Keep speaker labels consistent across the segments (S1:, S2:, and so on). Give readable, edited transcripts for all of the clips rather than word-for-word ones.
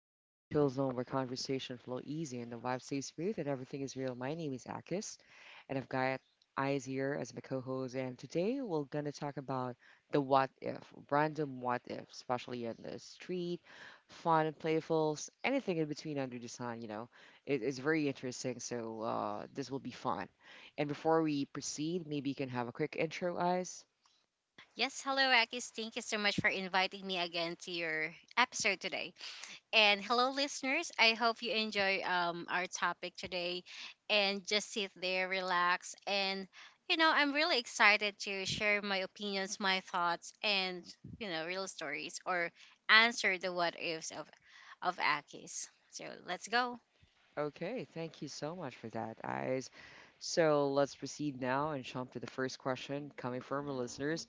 S1: step into a chill zone where conversation flow easy and the vibe stays smooth and everything is real. My name is Akis, and I've got Eyes here as my co-host. And today we're gonna talk about the what if, random what if, especially in the street, fun and playful, anything in between under the sun. It's very interesting. So this will be fun. And before we proceed, maybe you can have a quick intro, Eyes.
S2: Yes, hello, Akis. Thank you so much for inviting me again to your episode today. And hello, listeners. I hope you enjoy our topic today and just sit there, relax. And, you know, I'm really excited to share my opinions, my thoughts, and, you know, real stories or answer the what ifs of Akis. So let's go.
S1: Okay, thank you so much for that, guys. So let's proceed now and jump to the first question coming from our listeners.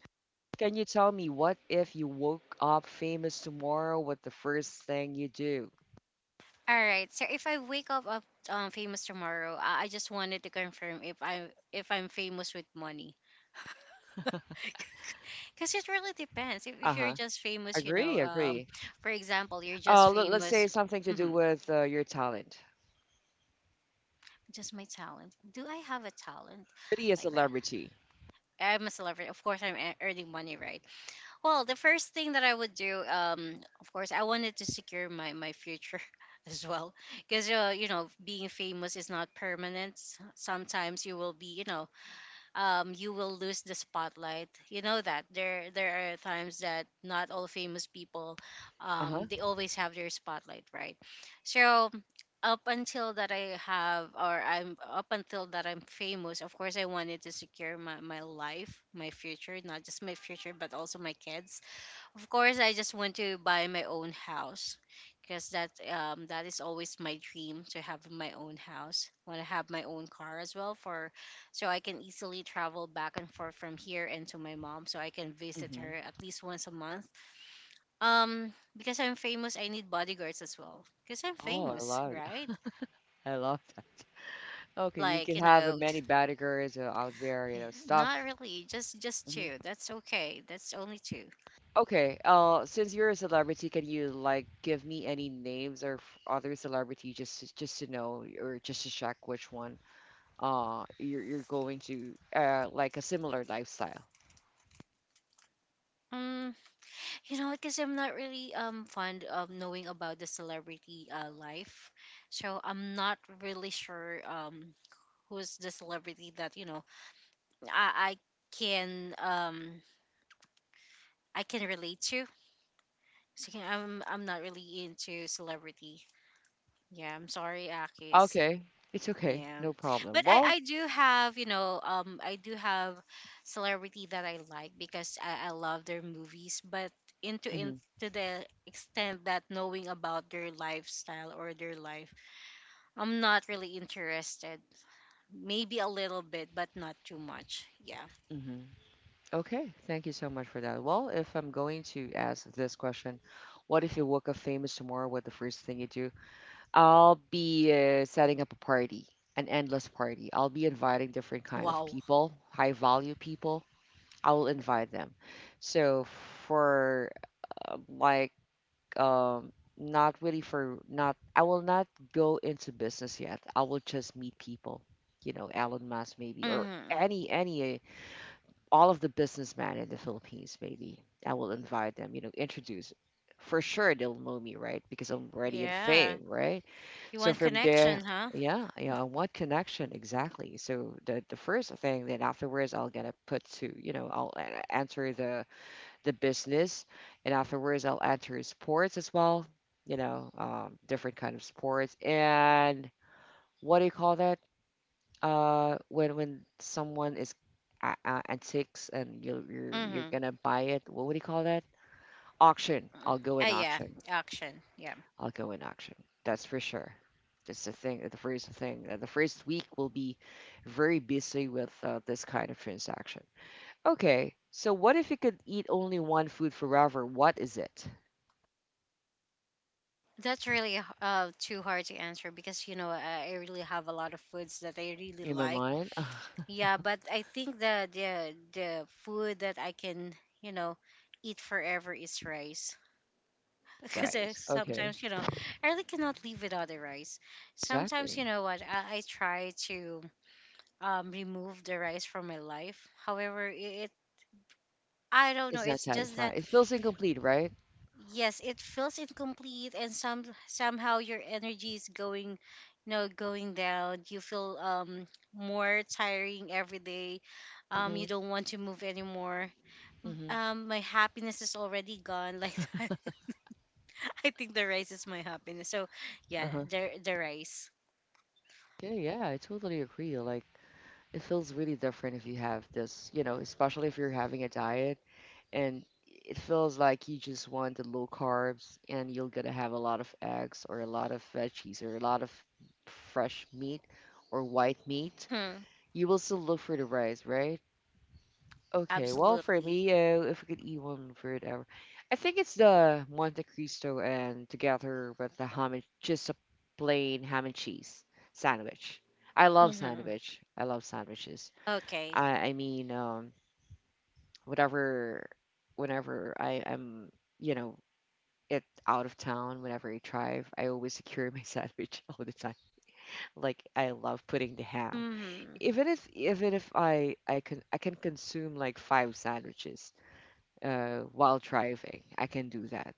S1: Can you tell me, what if you woke up famous tomorrow? What the first thing you do?
S2: All right. So if I wake up, famous tomorrow, I just wanted to confirm if I if I'm famous with money. Because it really depends. If,
S1: Uh
S2: if you're
S1: huh.
S2: just famous, you know,
S1: Agree, agree.
S2: for example, you're
S1: Uh,
S2: just
S1: let, let's say
S2: famous.
S1: something to do
S2: Hmm,
S1: with your talent.
S2: just my talent. Do I have a talent
S1: Be a
S2: like that?
S1: celebrity.
S2: I'm a celebrity. Of course, I'm earning money, right? Well, the first thing that I would do, of course, I wanted to secure my future as well, because you know, being famous is not permanent. Sometimes you will be, you know, you will lose the spotlight. You know that there are times that not all famous people,
S1: Uh huh.
S2: they always have their spotlight, right? So up until that I have, or I'm up until that I'm famous, of course I wanted to secure my life, my future, not just my future but also my kids. Of course, I just want to buy my own house because that, um, that is always my dream to have my own house. Want to have my own car as well for so I can easily travel back and forth from here and to my mom so I can visit her
S1: Mm-hmm.
S2: at least once a month. Um, because I'm famous, I need bodyguards as well because I'm
S1: Oh, I
S2: famous,
S1: love,
S2: right?
S1: I love that. Okay, you
S2: Like,
S1: can
S2: you
S1: have
S2: know,
S1: many bodyguards out there, you
S2: yeah,
S1: know,
S2: not
S1: stuff.
S2: really, just two. That's okay. That's only two.
S1: Okay, since you're a celebrity, can you like give me any names or other celebrity just to know or just to check which one you're going to like a similar lifestyle?
S2: Um, you know what? Because I'm not really, um, fond of knowing about the celebrity life, so I'm not really sure, um, who's the celebrity that you know I can, um, I can relate to. So yeah, I'm not really into celebrity. Yeah, I'm sorry, Akis.
S1: Okay, it's okay,
S2: Yeah.
S1: no problem.
S2: But I,
S1: Well,
S2: I do have, you know, um, I do have celebrity that I like because I love their movies, but into
S1: hmm
S2: into the extent that knowing about their lifestyle or their life, I'm not really interested. Maybe a little bit, but not too much. Yeah.
S1: hmm. Okay, thank you so much for that. Well, if I'm going to ask this question, what if you woke up famous tomorrow? What the first thing you do? I'll be setting up a party, an endless party. I'll be inviting different kind of
S2: Wow.
S1: people, high value people. I will invite them. So for uh, like not really for not I will not go into business yet. I will just meet people, you know, Elon Musk maybe or
S2: Hmm.
S1: any all of the businessmen in the Philippines maybe. I will invite them, you know, introduce. For sure they'll know me, right? Because I'm already in
S2: Yeah.
S1: fame, right?
S2: You
S1: So
S2: want
S1: from there,
S2: connection, huh?
S1: yeah, yeah, what connection exactly? So the first thing then afterwards I'll gonna put to, you know, enter the business and afterwards I'll enter sports as well, you know, different kind of sports and what do you call that? When someone is antiques and you're
S2: Mm-hmm.
S1: gonna buy it, what would you call that? Auction. I'll go
S2: Ah,
S1: in
S2: yeah.
S1: auction.
S2: Action. Yeah.
S1: I'll go in auction. That's for sure. It's the thing. The first thing. The first week will be very busy with this kind of transaction. Okay. So what if you could eat only one food forever? What is it?
S2: That's really too hard to answer because you know I really have a lot of foods that I really
S1: In my
S2: like.
S1: mind,
S2: Yeah, but I think the the food that I can, you know, eat forever is rice because
S1: right? Okay.
S2: sometimes you know I really cannot live without the rice. Sometimes
S1: Exactly.
S2: you know what I try to, um, remove the rice from my life. However, it, I don't know.
S1: It's not
S2: It's just that
S1: satisfying. It feels incomplete, right?
S2: yes, it feels incomplete and some somehow your energy is going, you know, going down, you feel, um, more tiring every day, um,
S1: Mm-hmm.
S2: you don't want to move anymore.
S1: Mm-hmm.
S2: My happiness is already gone like that. I think the rice is my happiness, so yeah,
S1: Uh-huh.
S2: the rice.
S1: Okay. Yeah, I totally agree. Like, it feels really different if you have this, you know, especially if you're having a diet and it feels like you just want the low carbs and you're gonna have a lot of eggs or a lot of veggies or a lot of fresh meat or white meat.
S2: Hmm.
S1: You will still look for the rice, right? Okay, well for
S2: Absolutely.
S1: me, if we could eat one food ever, I think it's the Monte Cristo and together with the ham and just a plain ham and cheese sandwich. I love
S2: Hmm.
S1: sandwich. I love sandwiches.
S2: Okay.
S1: I mean, whatever, whenever I am, you know, it out of town, whenever I drive, I always secure my sandwich all the time. Like I love putting the ham,
S2: Hmm,
S1: even if I can I can consume like five sandwiches while driving. I can do that.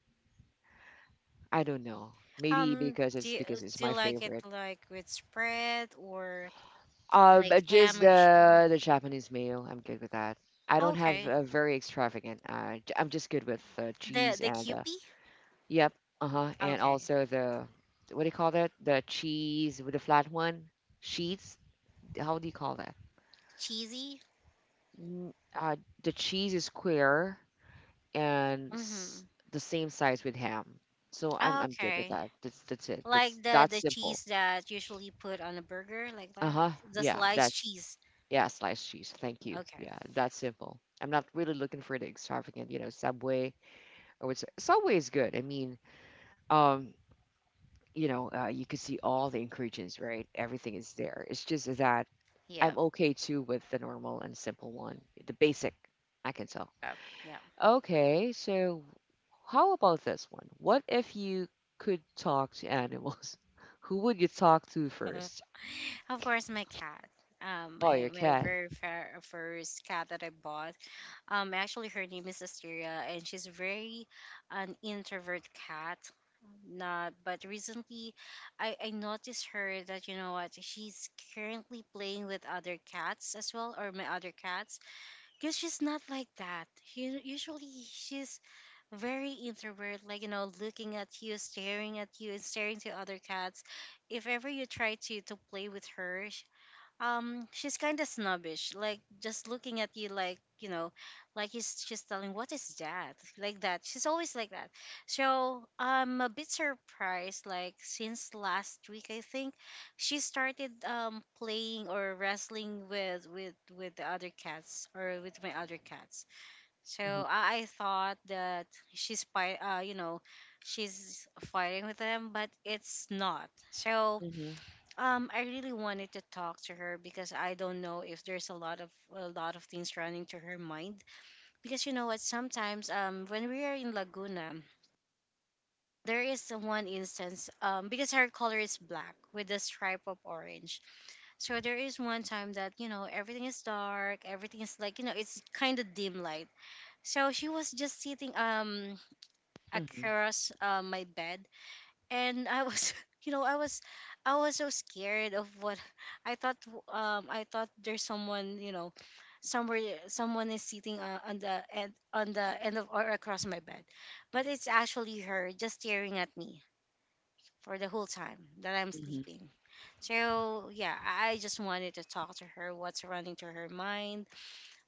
S1: I don't know. Maybe
S2: um,
S1: because it's
S2: do
S1: my
S2: you like it
S1: favorite.
S2: like with spread or like
S1: Just
S2: ham or cheese?
S1: the Japanese mayo. I'm good with that. I don't have
S2: Okay.
S1: a very extravagant. I'm just good with cheese
S2: The
S1: and
S2: Kewpie?
S1: yep. Uh-huh. And
S2: Okay.
S1: also the what do you call that? The cheese with the flat one? Sheets? How do you call that?
S2: Cheesy?
S1: Mm, Uh, the cheese is square and
S2: Mm-hmm.
S1: the same size with ham. So I'm good with
S2: Okay.
S1: that. That's it.
S2: Like
S1: That's
S2: the
S1: simple.
S2: cheese that usually put on a burger like that?
S1: Uh-huh.
S2: The
S1: Yeah,
S2: sliced
S1: that's
S2: cheese.
S1: yeah, sliced cheese. Thank you.
S2: Okay.
S1: Yeah, that's simple. I'm not really looking for the extravagant, you know, Subway or what's Subway is good. I mean, um you know, you could see all the ingredients, right? Everything is there. It's just that I'm
S2: Yeah.
S1: okay too with the normal and simple one, the basic. I can tell.
S2: Yeah.
S1: Okay, so how about this one? What if you could talk to animals? Who would you talk to
S2: Yeah.
S1: first?
S2: Of course my cat.
S1: Oh, your
S2: My
S1: cat.
S2: very fair, first cat that I bought, actually her name is Asteria, and she's very an introvert cat. Not. But recently, I noticed her that, you know what, she's currently playing with other cats as well, or my other cats, because she's not like that. She, usually, she's very introvert, like, you know, looking at you, staring at you, and staring to other cats. If ever you try to play with her, um, she's kind of snobbish, like, just looking at you, like, you know, like he's, she's telling what is that, like that, she's always like that. So I'm a bit surprised, like, since last week, I think she
S1: Uh-huh.
S2: started, um, playing or wrestling with with the other cats or with my other cats. So
S1: Mhm.
S2: I thought that she's fight you know, she's fighting with them, but it's not so.
S1: Mhm.
S2: Um, I really wanted to talk to her because I don't know if there's a lot of things running to her mind. Because you know what, sometimes, um, when we are in Laguna, there is one instance, um, because her color is black with a stripe of orange. So there is one time that you know everything is dark, everything is like, you know, it's kind of dim light. So she was just sitting, um,
S1: Mhm.
S2: across, my bed, and I was you know I was, I was so scared of what I thought, um, I thought there's someone, you know, somewhere, someone is sitting, on the end of or across my bed, but it's actually her just staring at me for the whole time that I'm
S1: Mhm.
S2: sleeping. So yeah, I just wanted to talk to her what's running through her mind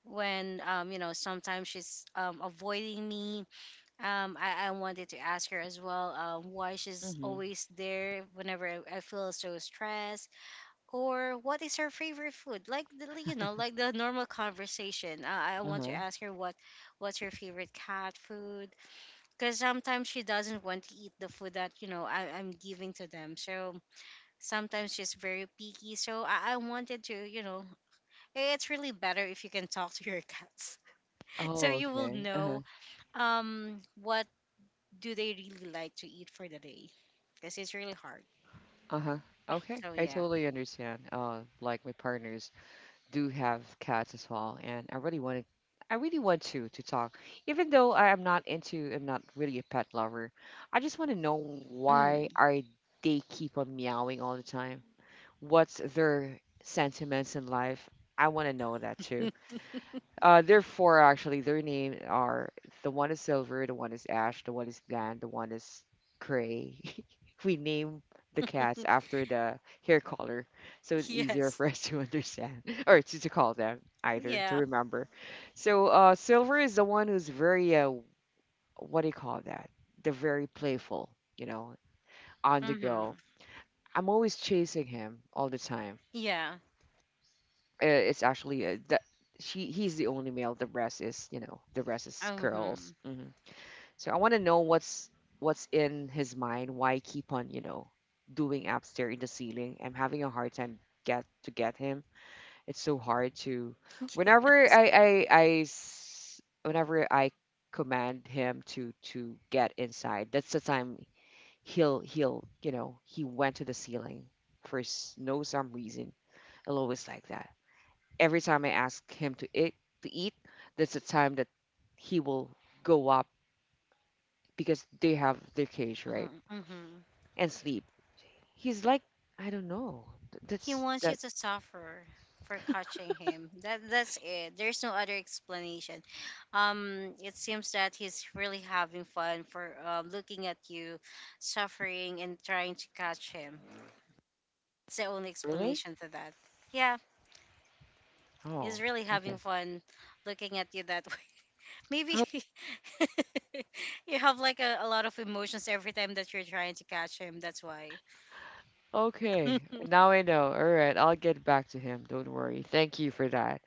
S2: when, um, you know, sometimes she's, um, avoiding me, I wanted to ask her as well, why she's
S1: Mhm.
S2: always there whenever I feel so stressed, or what is her favorite food? Like the, you know, like the normal conversation. I want to
S1: Uh-huh.
S2: ask her what what's her favorite cat food because sometimes she doesn't want to eat the food that you know I'm giving to them. So sometimes she's very picky. So I wanted to, you know, it's really better if you can talk to your cats, so
S1: Oh,
S2: you will
S1: okay. Uh-huh.
S2: know, um, what do they really like to eat for the day? Because it's really hard.
S1: Uh-huh. Okay.
S2: So
S1: I
S2: yeah.
S1: totally understand. Like my partner's do have cats as well, and I really wanted, I really want to talk. Even though I am not into, I'm not really a pet lover. I just want to know why
S2: Hmm.
S1: are they keep on meowing all the time? What's their sentiments in life? I want to know that too. There are four actually. Their name are the one is silver, the one is ash, the one is bland, the one is gray. We name the cats after the hair color, so it's easier
S2: Yes.
S1: for us to understand or to call them either to
S2: Yeah.
S1: remember. So silver is the one who's very what do you call that? The very playful, you know, on the go.
S2: Hmm.
S1: I'm always chasing him all the time.
S2: Yeah.
S1: It's actually that she he's the only male. The rest is you know the rest is girls.
S2: Hmm.
S1: Hmm. So I want to know what's in his mind. Why keep on you know doing upstairs in the ceiling? I'm having a hard time get him. It's so hard to whenever
S2: Yes.
S1: whenever I command him to get inside. That's the time he'll you know he went to the ceiling for s- no some reason. I'll always like that. Every time I ask him to eat, to eat, that's the time that he will go up because they have their cage, right?
S2: Mm-hmm. Mm-hmm.
S1: And sleep. He's like, I don't know.
S2: He
S1: That's
S2: wants you
S1: that
S2: to suffer for catching him. That that's it. There's no other explanation. It seems that he's really having fun for, looking at you suffering and trying to catch him. It's the only
S1: really?
S2: explanation to that. Yeah, he's
S1: Oh,
S2: really having
S1: okay.
S2: fun looking at you that maybe
S1: Oh,
S2: you have like a lot of emotions every time that you're trying to catch him. That's why. The
S1: okay, now I know. All right, I'll get back to him. Don't worry. Thank you for that.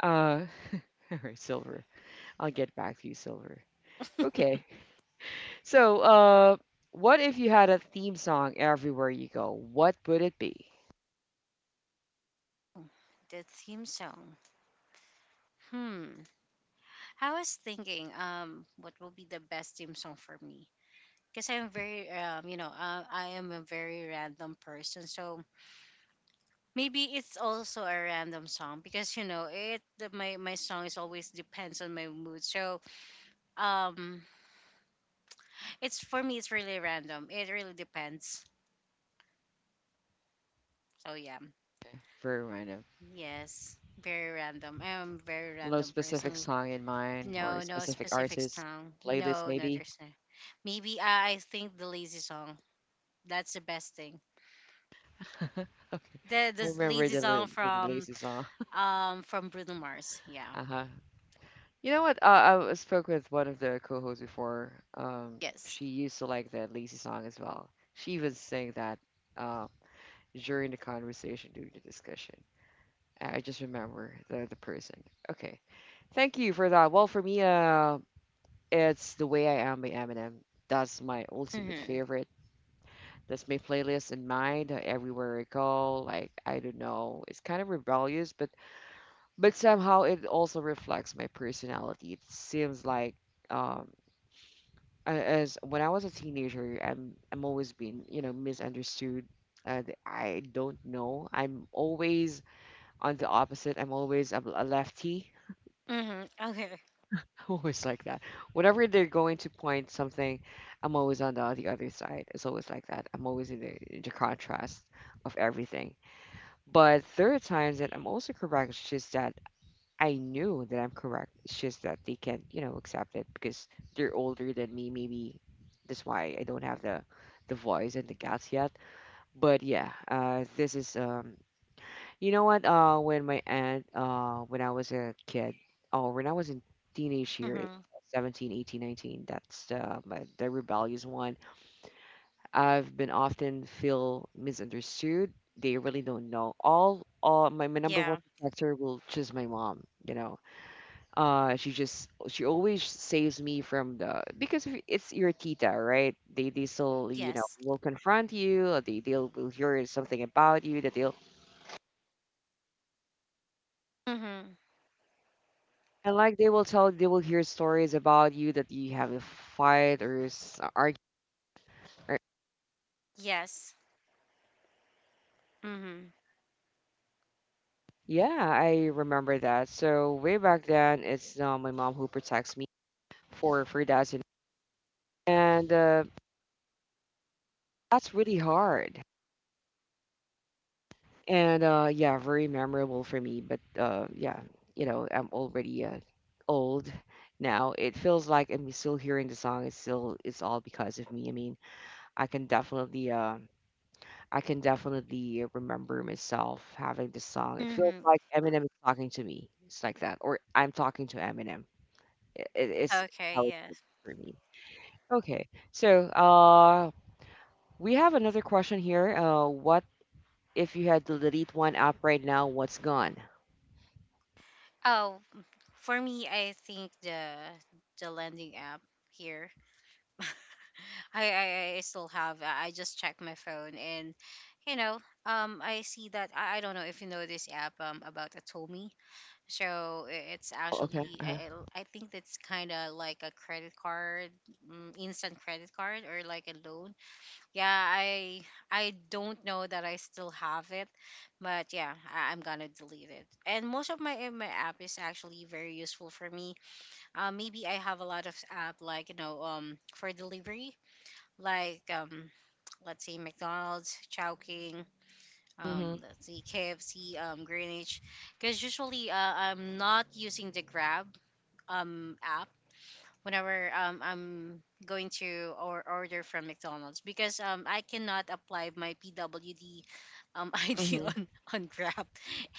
S1: Uh, all right, Silver. I'll get back to you, Silver. Okay. So, what if you had a theme song everywhere you go? What would it be?
S2: theme song. Hmm. I was thinking, what will be the best theme song for me? Because I'm very, you know, I am a very random person. So maybe it's also a random song because you know it. My song is always depends on my mood. So, um, it's for me, it's really random. It really depends. So yeah.
S1: Very random.
S2: Yes, very random. I am a very
S1: No
S2: random
S1: specific
S2: person.
S1: song in mind or
S2: No,
S1: a
S2: no
S1: specific
S2: specific
S1: artist,
S2: song.
S1: playlist
S2: No, no,
S1: maybe.
S2: there's no. Maybe, I think the lazy song. That's the best thing.
S1: Okay. I
S2: The
S1: remember
S2: lazy
S1: the
S2: song
S1: the
S2: from,
S1: lazy song.
S2: um, from Bruno Mars. Yeah.
S1: Uh-huh. You know what? I spoke with one of the co-hosts before.
S2: Yes.
S1: She used to like that lazy song as well. She even sang that uh, during the conversation, during the discussion. I just remember the person. Okay. Thank you for that. Well, for me, it's The Way I Am by Eminem. That's my ultimate
S2: Mhm.
S1: favorite. That's my playlist in mind everywhere I go. Like I don't know, it's kind of rebellious, but somehow it also reflects my personality. It seems like um, as when I was a teenager, I'm always being you know misunderstood. And I don't know. I'm always on the opposite. I'm always a lefty,
S2: Mhm. Okay.
S1: always like that. Whenever they're going to point something, I'm always on the other side. It's always like that. I'm always in in the contrast of everything. But there are times that I'm also correct. It's just that I knew that I'm correct. It's just that they can't, you know, accept it because they're older than me. Maybe that's why I don't have the voice and the guts yet. But yeah, this is you know what? When my aunt, when I was a kid, or when I was in teenage years,
S2: Mhm.
S1: 17, 18, 19. That's the my, the rebellious one. I've been often feel misunderstood. They really don't know. All my, my number one
S2: Yeah.
S1: protector will choose my mom. You know, she just she always saves me from the because if it's your tita, right? They still you know
S2: Yes.
S1: will confront you. Or they will hear something about you that they'll
S2: Mhm.
S1: and like they will hear stories about you that you have a fight or argue. Or-
S2: Yes. Mhm.
S1: yeah, I remember that. So way back then, it's my mom who protects me for that and that's really hard and yeah, very memorable for me but yeah. You know, I'm already old now. It feels like I'm still hearing the song. It's still it's all because of me, I mean, I can definitely I can definitely remember myself having this song. It feels
S2: Mhm.
S1: like Eminem is talking to me. It's like that, or I'm talking to Eminem. It's
S2: Okay.
S1: how it feels
S2: Yes.
S1: for me. Okay, so we have another question here. What If you had to delete one app right now, what's gone?
S2: Oh, for me, I think the landing app here. I still have. I just check my phone and, you know, I see that I don't know if you know this app, um, about Atomi. So it's
S1: Oh, okay.
S2: actually
S1: Uh-huh.
S2: I think that's kind of like a credit card, mm, instant credit card or like a loan. Yeah, I don't know that I still have it, but yeah, I'm gonna delete it. And most of my app is actually very useful for me. Maybe I have a lot of app like, you know, um, for delivery, like, let's say McDonald's, Chowking,
S1: Mm-hmm.
S2: let's see KFC, Greenwich, because usually, I'm not using the Grab app whenever, I'm going to or order from McDonald's because, I cannot apply my PWD ID
S1: Mm-hmm.
S2: on Grab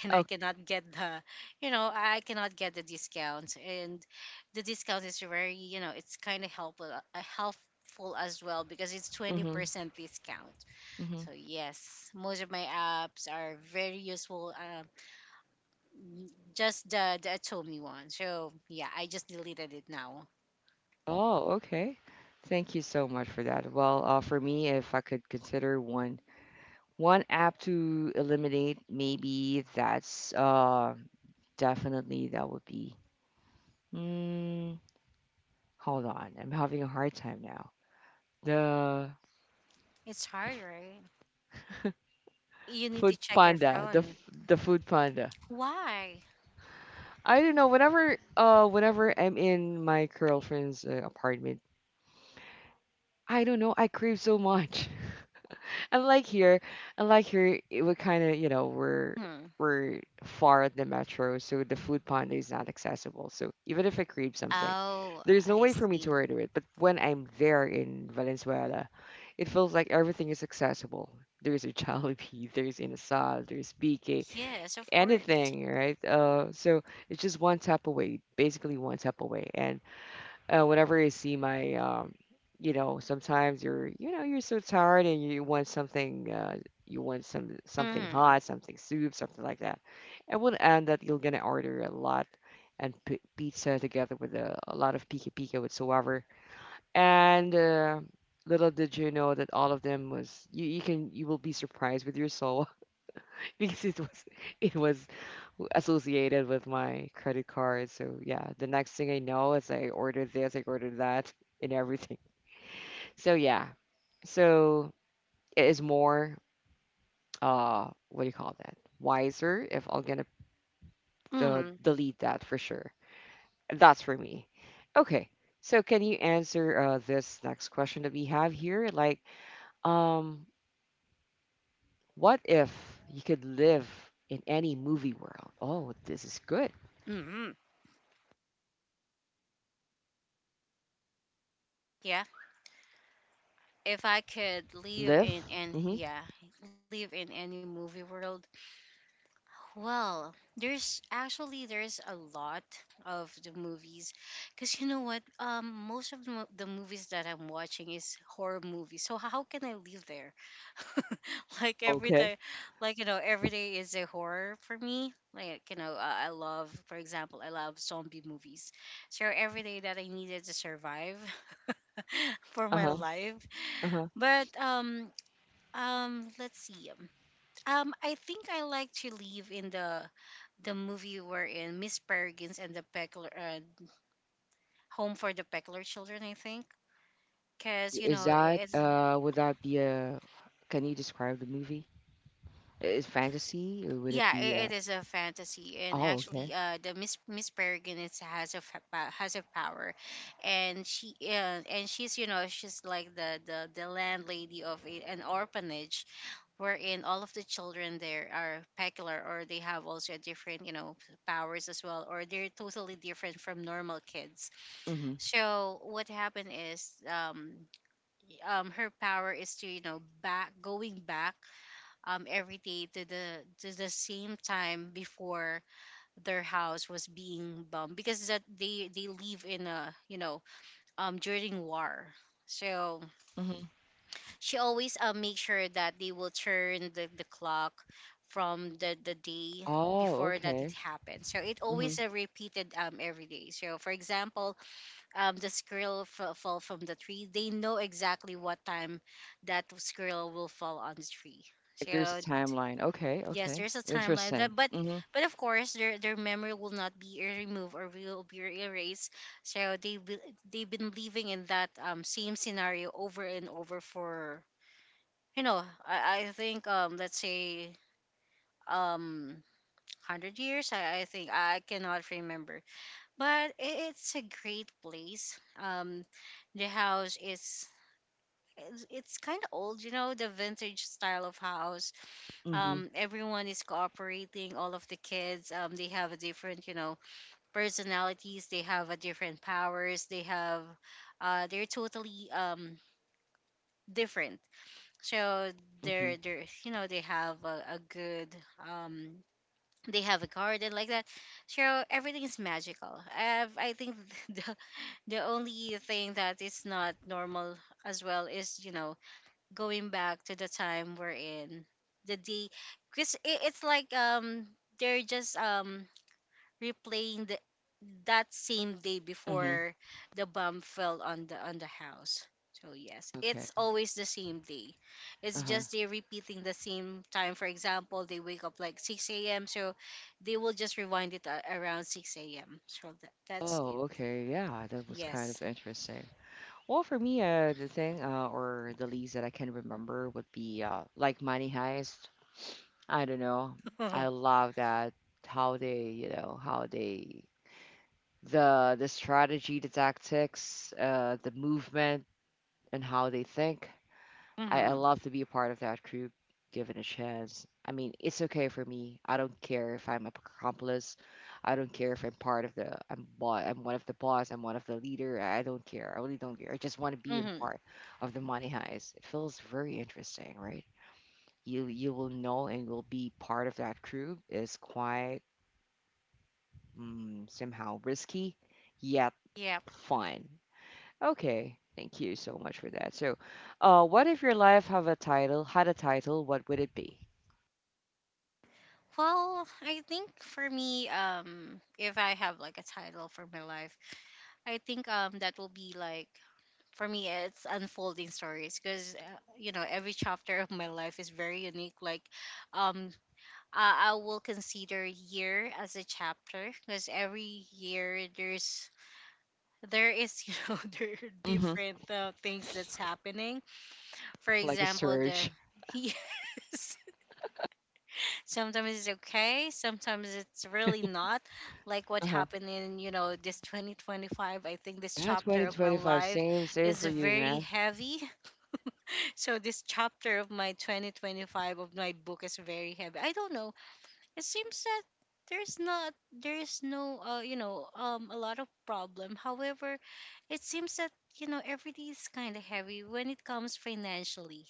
S2: and I
S1: Oh,
S2: cannot get the, you know, I cannot get the discount. And the discount is very, you know, it's kind of helpful, helpful as well because it's
S1: mm-hmm.
S2: 20% discount.
S1: Mm-hmm.
S2: So yes, most of my apps are very useful, n- just the Atomi one. So yeah, I just deleted it now.
S1: Oh, okay. Thank you so much for that. Well, for me, if I could consider one app to eliminate, maybe that's definitely that would be. Mm, hold on, I'm having a hard time now. The
S2: It's hard, right? You need to
S1: Food
S2: check your
S1: Panda,
S2: phone.
S1: the Food Panda.
S2: Why?
S1: I don't know. Whenever whenever I'm in my girlfriend's apartment, I don't know. I crave so much. Unlike here, unlike here, it would kind of, you know,
S2: Hmm.
S1: we're far at the metro, so the food panda is not accessible. So even if I crave something,
S2: Oh,
S1: there's no
S2: I
S1: way for me to
S2: see.
S1: order it. But when I'm there in Valenzuela, it feels like everything is accessible. There's a Jollibee, there's Inasal, there's BK,
S2: Yes, of course.
S1: anything, right? So it's just one tap away, basically one tap away, and whenever I see my, you know, sometimes you're, you know, you're so tired and you want something, you want some something
S2: Mm.
S1: hot, something soup, something like that. It will end that you're gonna order a lot and pizza together with a lot of pika pika whatsoever. And little did you know that all of them was you, you can you will be surprised with your soul because it was associated with my credit card. So yeah, the next thing I know is I ordered this, I ordered that, and everything. So yeah, so it is more what do you call that? Wiser if I'm gonna
S2: Mm.
S1: delete that for sure. That's for me. Okay, so can you answer this next question that we have here? Like, um, what if you could live in any movie world? Oh, this is good.
S2: Mm. Yeah. If I could live
S1: Live.
S2: in, and
S1: Mm-hmm.
S2: yeah, live in any movie world, well, there's actually there's a lot of the movies, because you know what? Most of the, the movies that I'm watching is horror movies. So how can I live there? Like every
S1: Okay.
S2: day, like, you know, every day is a horror for me. Like, you know, I love, for example, I love zombie movies. So every day that I needed to survive for my
S1: Uh-huh.
S2: life,
S1: Uh-huh.
S2: but let's see. I think I like to live in the movie you were in, Miss Peregrines and the Peckler, Home for the Peckler Children, I think. Because, you
S1: Is
S2: know,
S1: that would that be a can you describe the movie? Is fantasy? Or would it
S2: yeah,
S1: be
S2: it,
S1: a
S2: it is a fantasy. And
S1: Oh,
S2: actually,
S1: okay.
S2: the Miss Peregrines has a power. And she's, like the landlady of an orphanage, wherein all of the children there are Peckler, or they have also a different, powers as well, or they're totally different from normal kids.
S1: Mm-hmm.
S2: So what happened is, her power is to, back going back, every day, to the same time before their house was being bombed, because that they live in a, during war. So
S1: Mm-hmm.
S2: she always make sure that they will turn the, clock from the day
S1: Oh,
S2: before that it
S1: okay.
S2: happened. So it
S1: Mm-hmm.
S2: always repeated every day. So for example, the squirrel fall from the tree, they know exactly what time that squirrel will fall on the tree.
S1: Like there's a
S2: So
S1: timeline. Okay,
S2: yes,
S1: okay.
S2: there's a timeline
S1: Interesting.
S2: that, but
S1: Mm-hmm.
S2: of course their memory will not be removed or will be erased. So they've been living in that, same scenario over and over for, I think, let's say, um 100 years. I think I cannot remember, but it's a great place. The house is, it's kind of old, you know, the vintage style of house.
S1: Mm-hmm.
S2: Everyone is cooperating. All of the kids, they have a different, personalities. They have a different powers. They have, they're totally different. So
S1: Mm-hmm.
S2: they're you know they have a good, um they have a garden like that. So everything is magical. I think the. the only thing that is not normal as well is, going back to the time we're in the day, because it's like, they're just, replaying the that same day
S1: Mm-hmm.
S2: before the bomb fell on the house. So yes,
S1: Okay.
S2: it's always the same day. It's
S1: Uh-huh.
S2: just they're repeating the same time. For example, they wake up like 6 a.m, so they will just rewind it around 6 a.m, so that's it.
S1: Oh, okay. Yeah, that was kind
S2: Yes.
S1: of interesting. Well, for me, the thing or the least that I can remember would be like Money Heist. I don't know. I love that, how they, you know, how they the strategy, the tactics, the movement, and how they think. I
S2: Mm-hmm.
S1: love to be a part of that group, given a chance. I mean, it's okay for me. I don't care if I'm a accomplice. I don't care if I'm part of the I'm one of the boss. I'm one of the leader. I don't care. I really don't care. I just want to be in
S2: Mm-hmm.
S1: part of the money heist. It feels very interesting, right? You will know and will be part of that crew is quite mm, somehow risky yet
S2: Yeah.
S1: fun. Okay, thank you so much for that. So, what if your life have a title had a title? What would it be?
S2: Well, I think for me, if I have like a title for my life, I think, that will be like, for me, it's unfolding stories, because, every chapter of my life is very unique. Like, um I will consider year as a chapter, because every year there's there is there are
S1: Mm-hmm.
S2: different, things that's happening. For
S1: Like a
S2: example, the
S1: surge.
S2: yes. Sometimes it's okay, sometimes it's really not. Like what
S1: Uh-huh.
S2: happened in, this 2025, I think this
S1: Yeah,
S2: chapter of my
S1: 2025.
S2: life
S1: Same, same
S2: is
S1: for you,
S2: very
S1: man.
S2: heavy. So this chapter of my 2025, of my book, is very heavy. I don't know. It seems that there's no, a lot of problem. However, it seems that, everything is kind of heavy when it comes financially.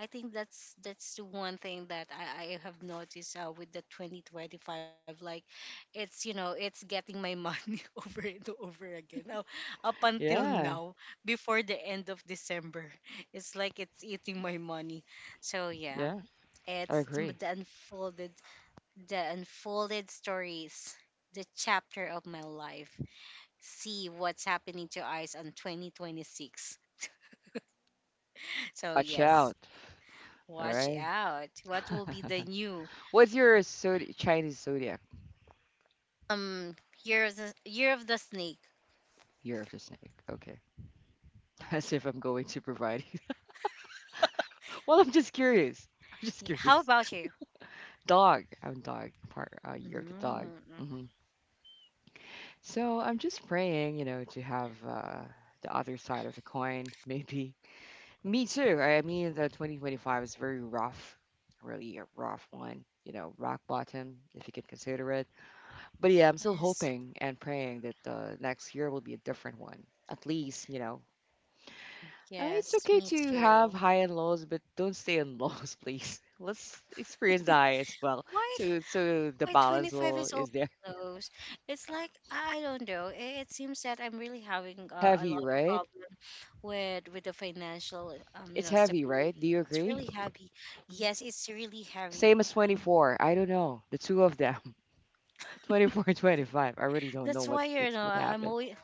S2: I think that's the one thing that I have noticed, with the 2025. Like, it's, getting my money over and over again. Now, up until
S1: Yeah,
S2: now, before the end of December, it's like it's eating my money. So yeah,
S1: yeah, I
S2: it's
S1: agree.
S2: the unfolded, stories, the chapter of my life. See what's happening to eyes on 2026. So
S1: Watch out.
S2: yes,
S1: All
S2: watch
S1: right.
S2: out. What will be the new?
S1: What's your zodi Chinese zodiac
S2: Um, Year of the Snake.
S1: year of the snake? Okay. As if I'm going to provide Well, I'm just curious. I'm just
S2: How
S1: curious.
S2: about you?
S1: Dog. I'm dog. Part year of the dog.
S2: Mm,
S1: Hmm. So I'm just praying, you know, to have the other side of the coin. Maybe me too. I mean, the 2025 is very rough, really a rough one. You know, rock bottom, if you can consider it. But yeah, I'm still
S2: yes,
S1: hoping and praying that the next year will be a different one. At least, you know, it's
S2: yes,
S1: okay
S2: me
S1: to have
S2: too.
S1: high and lows, but don't stay in lows, please. Let's experience the high as well.
S2: Why?
S1: So so the
S2: Why twenty
S1: balance
S2: five
S1: will
S2: is
S1: is
S2: always
S1: there.
S2: close? It's like, I don't know. It seems that I'm really having, a
S1: Heavy,
S2: lot of
S1: right?
S2: problem with the financial,
S1: It's heavy, right? Do
S2: stability.
S1: you
S2: It's
S1: agree?
S2: really heavy.
S1: Hmm.
S2: Yes, it's really
S1: Same
S2: heavy.
S1: as 24. I don't know. The two of them. 24 and 25. I really don't know
S2: That's why,
S1: what
S2: I'm
S1: happened.
S2: always.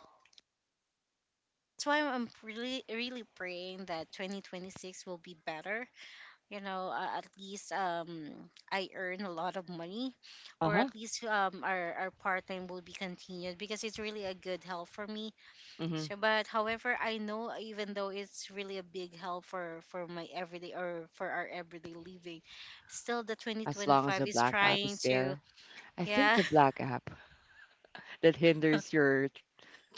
S2: That's why I'm really really praying that 2026 will be better, at least, I earn a lot of money, or
S1: Uh-huh.
S2: at least, our part-time will be continued, because it's really a good help for me.
S1: Mm-hmm.
S2: So, but however, I know even though it's really a big help for my everyday or for our everyday living, still the
S1: As long as
S2: 2025
S1: the
S2: is
S1: black app
S2: trying
S1: is
S2: to,
S1: there. I think
S2: yeah.
S1: the black app that hinders your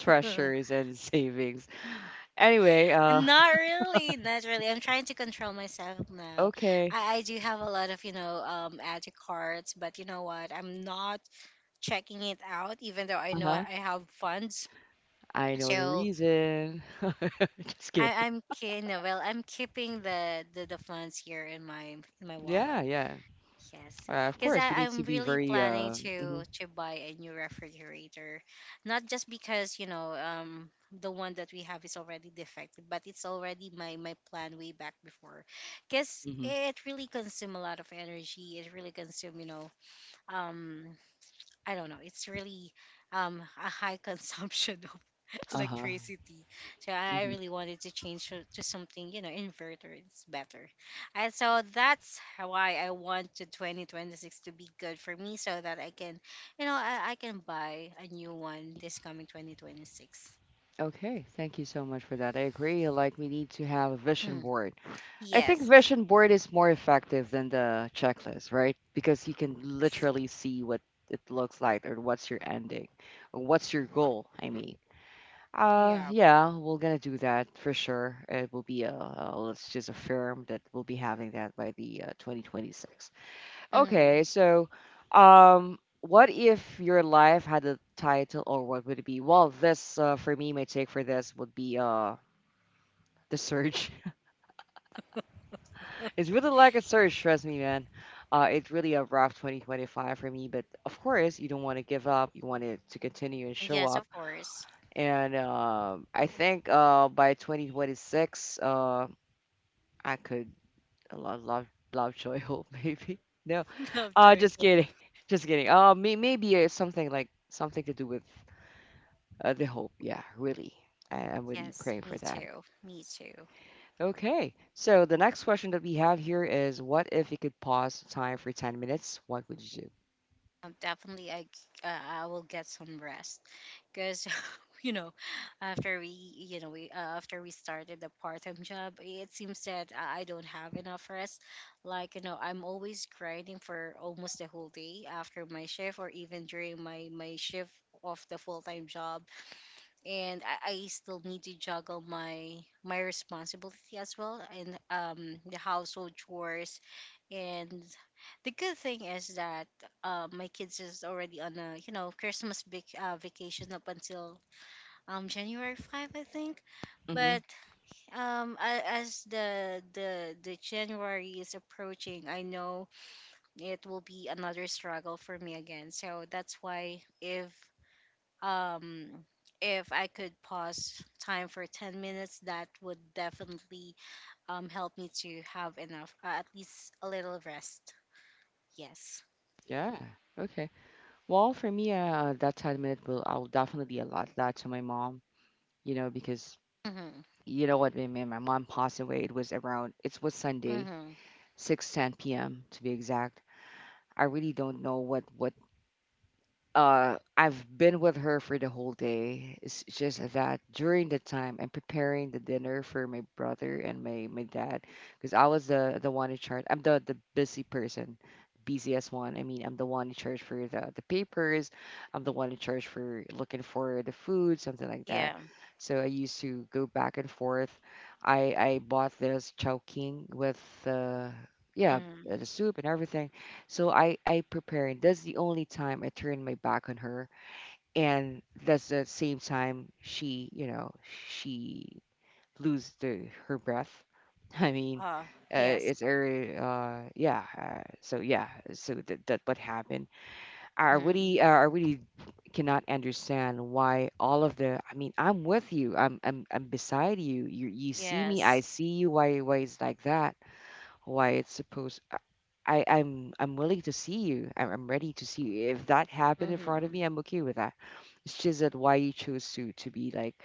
S1: and savings. Anyway,
S2: Not really, not really. I'm trying to control myself now.
S1: okay.
S2: I do have a lot of, add to carts, but you know what? I'm not checking it out, even though I
S1: Uh
S2: know I
S1: huh.
S2: have funds.
S1: I know the
S2: So
S1: reason. Just
S2: I,
S1: kidding.
S2: I'm kind of, well, I'm keeping the funds here in my
S1: Yeah,
S2: wallet.
S1: yeah.
S2: Yes,
S1: Of
S2: because
S1: course, we need
S2: I'm
S1: to be
S2: really
S1: very
S2: planning
S1: uh hmm
S2: to buy a new refrigerator, not just because, the one that we have is already defective, but it's already my plan way back before, because
S1: hmm
S2: it really consume a lot of energy. It really consume, um I don't know. It's really, a high consumption of
S1: uh-huh.
S2: electricity. So I
S1: Hmm.
S2: really wanted to change to something, inverter. It's better. And so that's why I want to 2026 to be good for me, so that I can, you know, I can buy a new one this coming 2026.
S1: Okay, thank you so much for that. I agree. Like we need to have a vision board. I think
S2: Yes.
S1: vision board is more effective than the checklist, right? Because you can
S2: Yes.
S1: literally see what it looks like or what's your ending or what's your goal, I mean. Uh,
S2: Yeah.
S1: yeah, we're gonna do that for sure. It will be a, let's just affirm that we'll be having that by the 2026.
S2: Mm.
S1: Okay, so, what if your life had a title, or what would it be? Well, this for me, my take for this would be the surge. It's really like a surge, trust me, man. It's really a rough 2025 for me, but of course, you don't want to give up. You want it to continue and show
S2: Yes, of
S1: up.
S2: course.
S1: And I think by 2026, I could a lot love love Joy Hope maybe. No,
S2: Love, joy,
S1: just
S2: hope.
S1: kidding, just kidding. Maybe it's something like something to do with the hope. Yeah, really, I'm really
S2: Yes,
S1: praying for
S2: me
S1: that.
S2: too. Me too.
S1: Okay, so the next question that we have here is, what if you could pause time for 10 minutes? What would you do?
S2: Definitely, I will get some rest, because you know, after we you know we after we started the part time job, it seems that I don't have enough rest. Like, I'm always grinding for almost the whole day after my shift, or even during my shift of the full time job, and I still need to juggle my responsibility as well, and, the household chores. And the good thing is that, my kids is already on a, Christmas big, vacation up until, January 5th, I think.
S1: Mm-hmm.
S2: But, as the January is approaching, I know it will be another struggle for me again. So that's why, um if I could pause time for 10 minutes, that would definitely, help me to have enough, at least a little rest. Yes.
S1: Yeah. Okay. Well, for me, that 10 minute will I'll definitely allot that to my mom. You know, because
S2: Mm-hmm.
S1: you know what, my my mom passed away. It was around. It was Sunday,
S2: Mm-hmm.
S1: 6:10 p.m. to be exact. I really don't know what I've been with her for the whole day. It's just that during the time I'm preparing the dinner for my brother and my dad, because I was the one in charge. I'm the busy person, busiest one. I mean, I'm the one in charge for the papers. I'm the one in charge for looking for the food, something like that.
S2: Yeah.
S1: So I used to go back and forth. I bought this Chowking with uh yeah,
S2: Mm-hmm.
S1: the soup and everything, so I prepare and that's the only time I turn my back on her. And that's the same time she, you know, she lose the, her breath. I mean,
S2: Uh, yes.
S1: it's her, yeah. So yeah, so that, that what happened.
S2: Mm-hmm.
S1: I really cannot understand why all of the, I mean, I'm with you. I'm beside you. You see me, I
S2: Yes.
S1: see you. Why is like that? Why it's supposed I'm willing to see you. I'm ready to see you. If that happened in front of
S2: Mm-hmm.
S1: me, I'm okay with that. It's just that why you chose to be like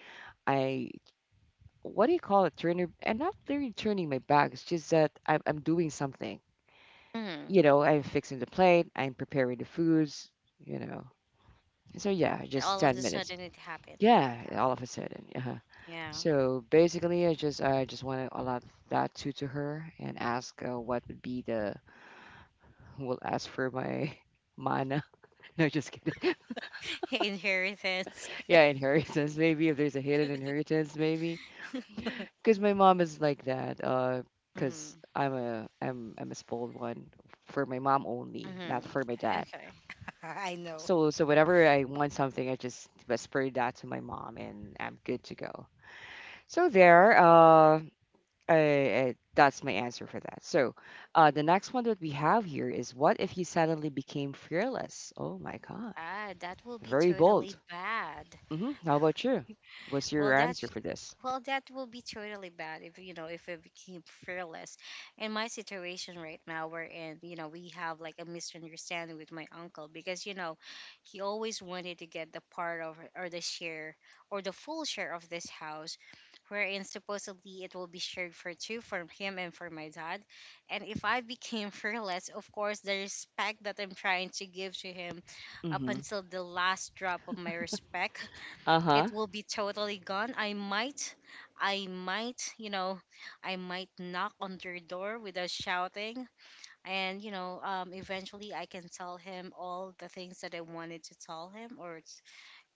S1: I what do you call it? Turner and not really turning my back. It's just that I'm doing something.
S2: Mm-hmm.
S1: You know, I'm fixing the plate. I'm preparing the foods. You know. So yeah,
S2: And
S1: just
S2: all of
S1: ten
S2: a
S1: minutes.
S2: sudden it happened.
S1: Yeah, all of a sudden. Yeah.
S2: Yeah.
S1: So basically, I just want to allow that to her and ask what would be the will ask for my mana. No, just kidding.
S2: Inheritance.
S1: Yeah, inheritance. Maybe if there's a hidden inheritance, maybe because my mom is like that. Because
S2: Mm-hmm.
S1: I'm a spoiled one for my mom only, not for my
S2: Mm-hmm.
S1: dad.
S2: Okay. I know.
S1: So so whenever I want something, I just whisper that to my mom, and I'm good to go. So there. I, that's my answer for that. So, the next one that we have here is what if you suddenly became fearless? Oh my God,
S2: Ah, that will be
S1: very
S2: totally
S1: bold.
S2: bad.
S1: Hmm. How about you? What's your
S2: Well, that
S1: answer for this?
S2: Well, that will be totally bad if, it became fearless. In my situation right now, we're in you know we have like a misunderstanding with my uncle, because, he always wanted to get the part of, or the share, or the full share of this house, wherein supposedly it will be shared for two, from him and for my dad. And if I became fearless, of course the respect that I'm trying to give to him, up
S1: Mm-hmm.
S2: until the last drop of my respect, it
S1: Uh-huh.
S2: will be totally gone. I might, I might, you know, I might knock on their door without shouting. And, eventually I can tell him all the things that I wanted to tell him. Or,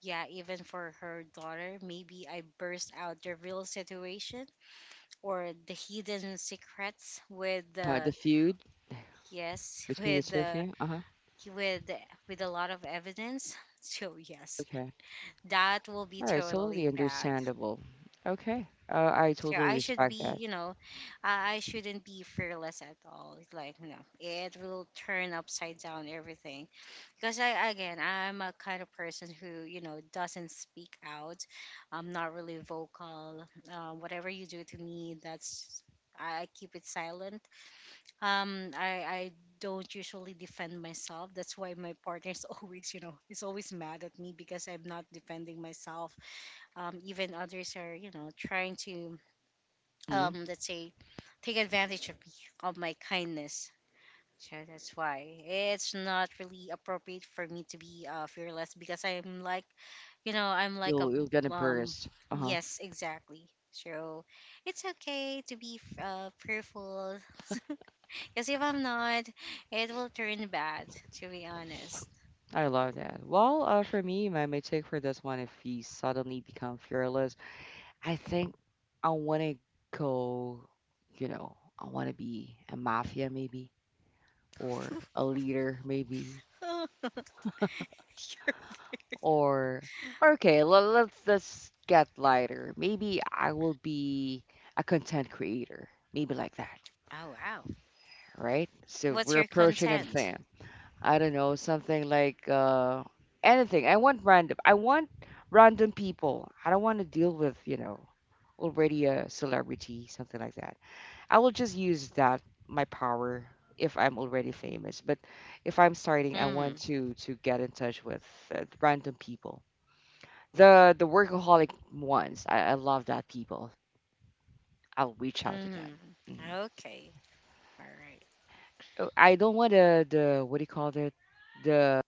S2: yeah, even for her daughter, maybe I burst out the real situation or the hidden secrets
S1: The feud
S2: yes,
S1: between the two of you? Uh-huh.
S2: with, with a lot of evidence. So, yes,
S1: Okay.
S2: that will be
S1: All right.
S2: totally
S1: Totally
S2: bad.
S1: understandable. Okay. I
S2: Sure,
S1: totally
S2: I should
S1: respect
S2: be,
S1: that.
S2: you know, I I shouldn't be fearless at all. It's like, no, it will turn upside down everything. Because again, I'm a kind of person who, you know, doesn't speak out. I'm not really vocal. Whatever you do to me, I keep it silent. I don't usually defend myself. That's why my partner's is always mad at me, because I'm not defending myself. Even others are, trying to,
S1: Hmm.
S2: let's say, take advantage of me, of my kindness. So that's why it's not really appropriate for me to be, fearless, because i'm like a,
S1: You'll get embarrassed. Uh-huh.
S2: yes, exactly. So it's okay to be, fearful. Because if I'm not, it will turn bad, to be honest.
S1: I love that. Well, for me, my take for this one, if he suddenly become fearless, I think I want to go, you know, I want to be a mafia maybe or a leader maybe,
S2: Oh,
S1: or okay, let's get lighter. Maybe I will be a content creator. Maybe like that,
S2: wow.
S1: right? So
S2: What's
S1: we're
S2: your
S1: approaching it
S2: content?
S1: fam. I don't know, something like anything. I want random people. I don't want to deal with, you know, already a celebrity, something like that. I will just use that my power if I'm already famous. But if I'm starting, I
S2: Mm-hmm.
S1: want to get in touch with random people, the workaholic ones. I love that people. I'll reach out to them.
S2: Mm-hmm.
S1: Mhm.
S2: Okay. All right.
S1: Oh, I don't want the what do you call it? The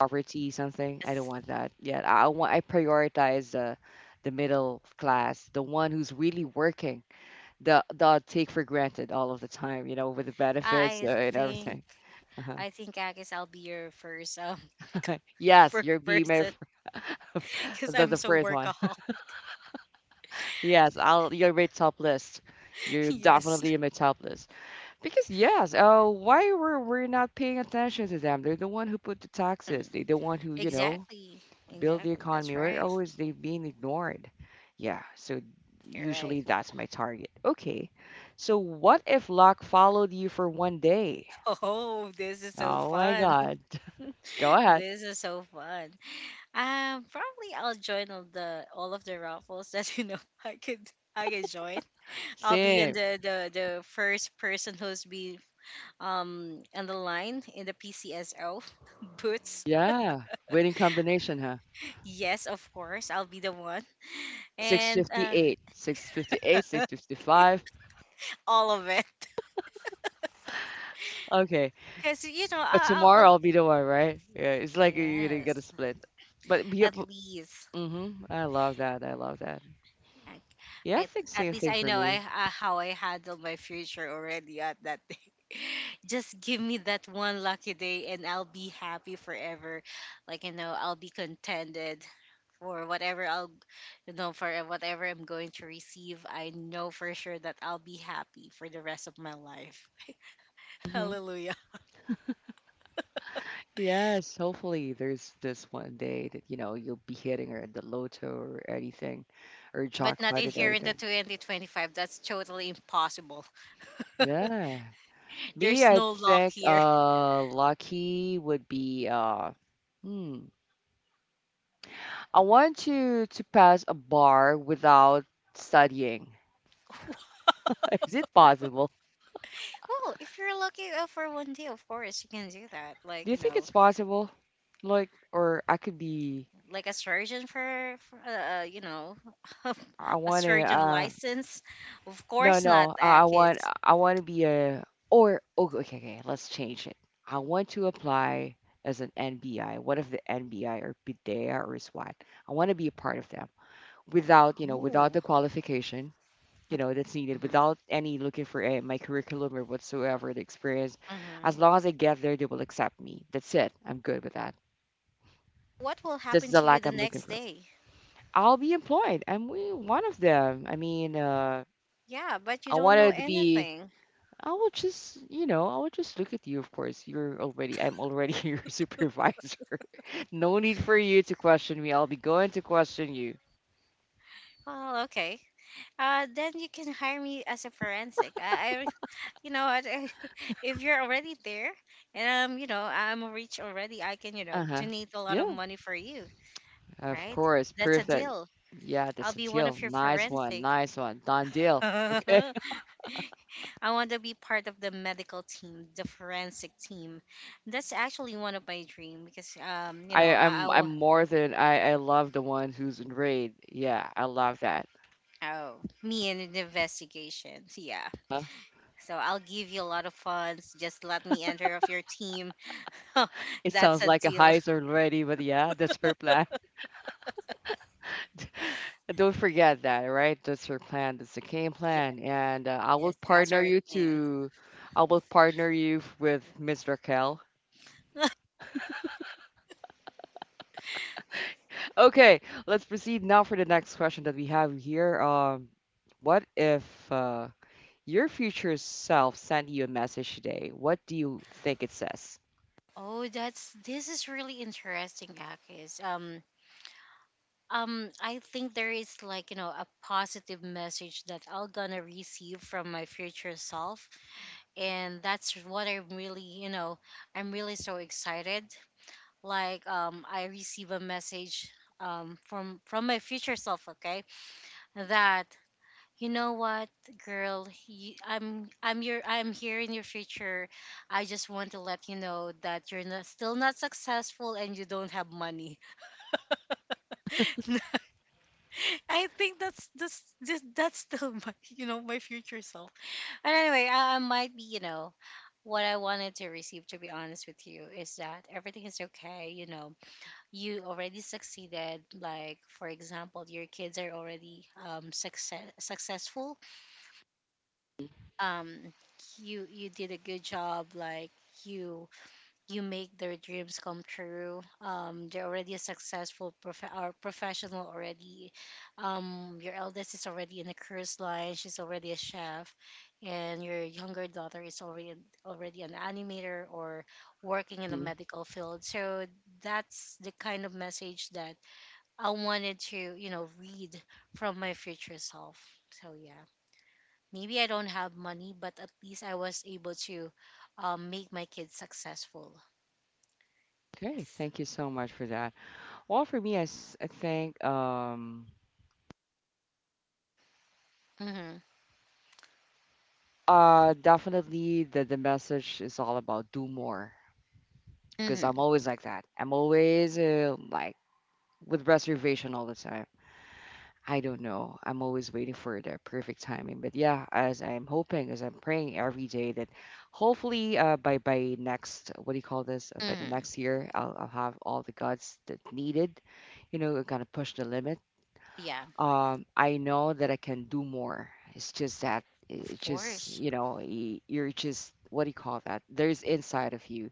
S1: poverty something. I don't
S2: Yes.
S1: want that yet. I want I prioritize the middle class, the one who's really working, the take for granted all of the time, you know, with the benefits
S2: I
S1: and
S2: think
S1: everything. Uh-huh.
S2: I guess I'll be your first
S1: Yes,
S2: first
S1: you're be my
S2: person,
S1: f-
S2: because
S1: the
S2: I'm
S1: the
S2: so
S1: first one.
S2: workaholic.
S1: Yes, I'll you're my top list. You're
S2: Yes.
S1: definitely in my top list. Because yes, why were we not paying attention to them? They're the one who put the taxes.
S2: Mm,
S1: They're the one who, you know,
S2: exactly.
S1: build the
S2: Exactly. That's
S1: economy. Why are
S2: right.
S1: always they being ignored? Yeah, so
S2: You're right.
S1: usually that's my target. Okay, so what if luck followed you for one day?
S2: Oh, this is so
S1: Oh my
S2: fun.
S1: God. Go ahead.
S2: This is so fun. Probably I'll join all of the raffles that I could I could join. I'll be in
S1: Same.
S2: the first person who's be on the line in the PCSO boots.
S1: Yeah. Winning combination, huh?
S2: Yes, of course, I'll be the one. And
S1: 658, 658, 655.
S2: all of it.
S1: Okay.
S2: Because,
S1: But
S2: I- I'll,
S1: tomorrow
S2: I'll,
S1: I'll be the one, right? Yeah, it's like you- you're gonna get a
S2: yes,
S1: split.
S2: at
S1: But
S2: least.
S1: Mhm. I love that. I love that.
S2: Like,
S1: Yeah, I
S2: at,
S1: think
S2: at
S1: same
S2: least
S1: thing
S2: I
S1: for
S2: know
S1: me.
S2: how I handle my future already at that day. Just give me that one lucky day and I'll be happy forever. Like, I'll be contented for whatever for whatever I'm going to receive. I know for sure that I'll be happy for the rest of my life.
S1: Hmm.
S2: Hallelujah.
S1: Yes, hopefully there's this one day that you know you'll be hitting or the lotto or anything, or
S2: But not
S1: jackpot
S2: in
S1: or
S2: here in the
S1: anything.
S2: 2025. That's totally impossible.
S1: Yeah. Me,
S2: There's
S1: I
S2: no luck
S1: think
S2: here.
S1: lucky would be uh hmm. I want to pass a bar without studying. Is it possible?
S2: Well, if you're lucky for one day, of course you can do that.
S1: Do
S2: Like
S1: you
S2: you
S1: think
S2: know,
S1: it's possible? Like, or I could be.
S2: like a surgeon for
S1: I
S2: a
S1: want to.
S2: surgeon license. Of
S1: No,
S2: course not,
S1: no. I want
S2: Akis.
S1: I want to be a or oh, okay, okay. Let's change it. I want to apply as an NBI. What if the NBI or PIDEA or SWAT? I want to be a part of them without, you know, without the
S2: Oh.
S1: qualification, you know, that's needed,
S2: Hmm.
S1: without any looking for a, my curriculum or whatsoever the experience.
S2: Hmm.
S1: As long as I get there, they will accept me. That's it. I'm good with that.
S2: What will
S1: This
S2: happen
S1: is the
S2: to you
S1: lack
S2: the
S1: I'm looking
S2: next
S1: for.
S2: day?
S1: I'll be employed. I'm we- one of them. I mean,
S2: Yeah, but you
S1: I
S2: don't know
S1: wanted to be.
S2: anything.
S1: I will just, you know, I will just look at you. Of course, you're already, I'm already your supervisor. No need for you to question me. I'll be going to question you.
S2: Well, okay. Then you can hire me as a forensic. I you know what? If you're already there, and I'm rich already. I can,
S1: Uh huh.
S2: donate a lot of
S1: Yeah,
S2: money for you,
S1: of
S2: right?
S1: course.
S2: That's a
S1: Perfect.
S2: deal.
S1: Yeah,
S2: I'll
S1: that's a
S2: be one
S1: deal.
S2: of your
S1: Nice one.
S2: forensic.
S1: Nice one. Done deal. Okay.
S2: I want to be part of the medical team, the forensic team. That's actually one of my dream because,
S1: I, I'm, I'm more than, I love the one who's in raid. Yeah, I love that.
S2: oh, me and an investigation. Yeah.
S1: Huh?
S2: So I'll give you a lot of funds. Just let me enter of your team.
S1: It
S2: That's
S1: sounds
S2: a
S1: like a
S2: deal.
S1: heist already, but yeah, that's her plan. Don't forget that, right? That's your plan. That's the game
S2: Yes,
S1: plan. And I will
S2: yes, that's
S1: partner
S2: our
S1: you
S2: plan.
S1: to, I will partner you f- with Ms. Raquel. Okay, let's proceed now for the next question that we have here. What if uh, your future self sent you a message today? What do you think it says?
S2: Oh, that's this is really interesting, Akis. I think there is like a positive message that I'll gonna receive from my future self, and that's what I'm really so excited. Like I receive a message from my future self, okay, that. You know what, girl? I'm here in your future. I just want to let you know that you're not, still not successful and you don't have money. I think that's still my you know my future self. But anyway, I might be what I wanted to receive. To be honest with you, is that everything is okay. You already succeeded. Like for example, your kids are already successful. um you did a good job, like you you make their dreams come true. They're already a successful prof- or professional already. Your eldest is already in a cruise line. She's already a chef, and your younger daughter is already an animator, or working in the
S1: Mhm.
S2: medical field, so that's the kind of message that I wanted to read from my future self. So yeah, maybe I don't have money, but at least I was able to make my kids successful.
S1: Okay,
S2: Yes.
S1: thank you so much for that. Well, for me, I, s- I think
S2: Mm-hmm.
S1: definitely the message is all about do more, because I'm
S2: Mm-hmm.
S1: always like that. I'm always like with reservation all the time. I don't know. I'm always waiting for the perfect timing. But yeah, as I'm hoping, as I'm praying every day that hopefully by next what do you call this? By the
S2: Mm-hmm.
S1: next year, I'll have all the guts that needed. You know, kind of push the limit.
S2: Yeah,
S1: I know that I can do more. It's just that
S2: of
S1: it's just,
S2: course.
S1: you know, y- you're just what do you call that? There's inside of you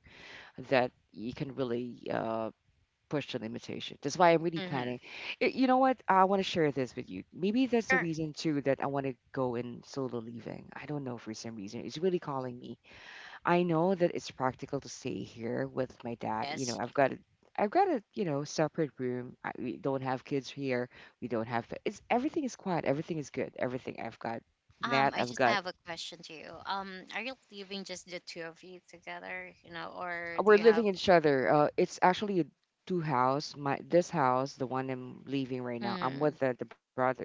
S1: that you can really push the limitation. That's why I'm really planning.
S2: Mm-hmm.
S1: Y- You know what? I want to share this with you. Maybe that's the
S2: Sure.
S1: reason too that I want to go in solo leaving. I don't know for some reason. It's really calling me. I know that it's practical to stay here with my dad. You know,
S2: Yes.
S1: I've got a I've got a, you know, separate room. We don't have kids here. We don't have it's everything is quiet. Everything is good. Everything I've got. Nat,
S2: I
S1: I've
S2: just
S1: got.
S2: have a question to you. Are you living just the two of you together, or do
S1: We're
S2: you
S1: living
S2: have?
S1: in each other. It's actually a two house. My this house, the one I'm leaving right now. I'm
S2: Mm-hmm.
S1: with the brother.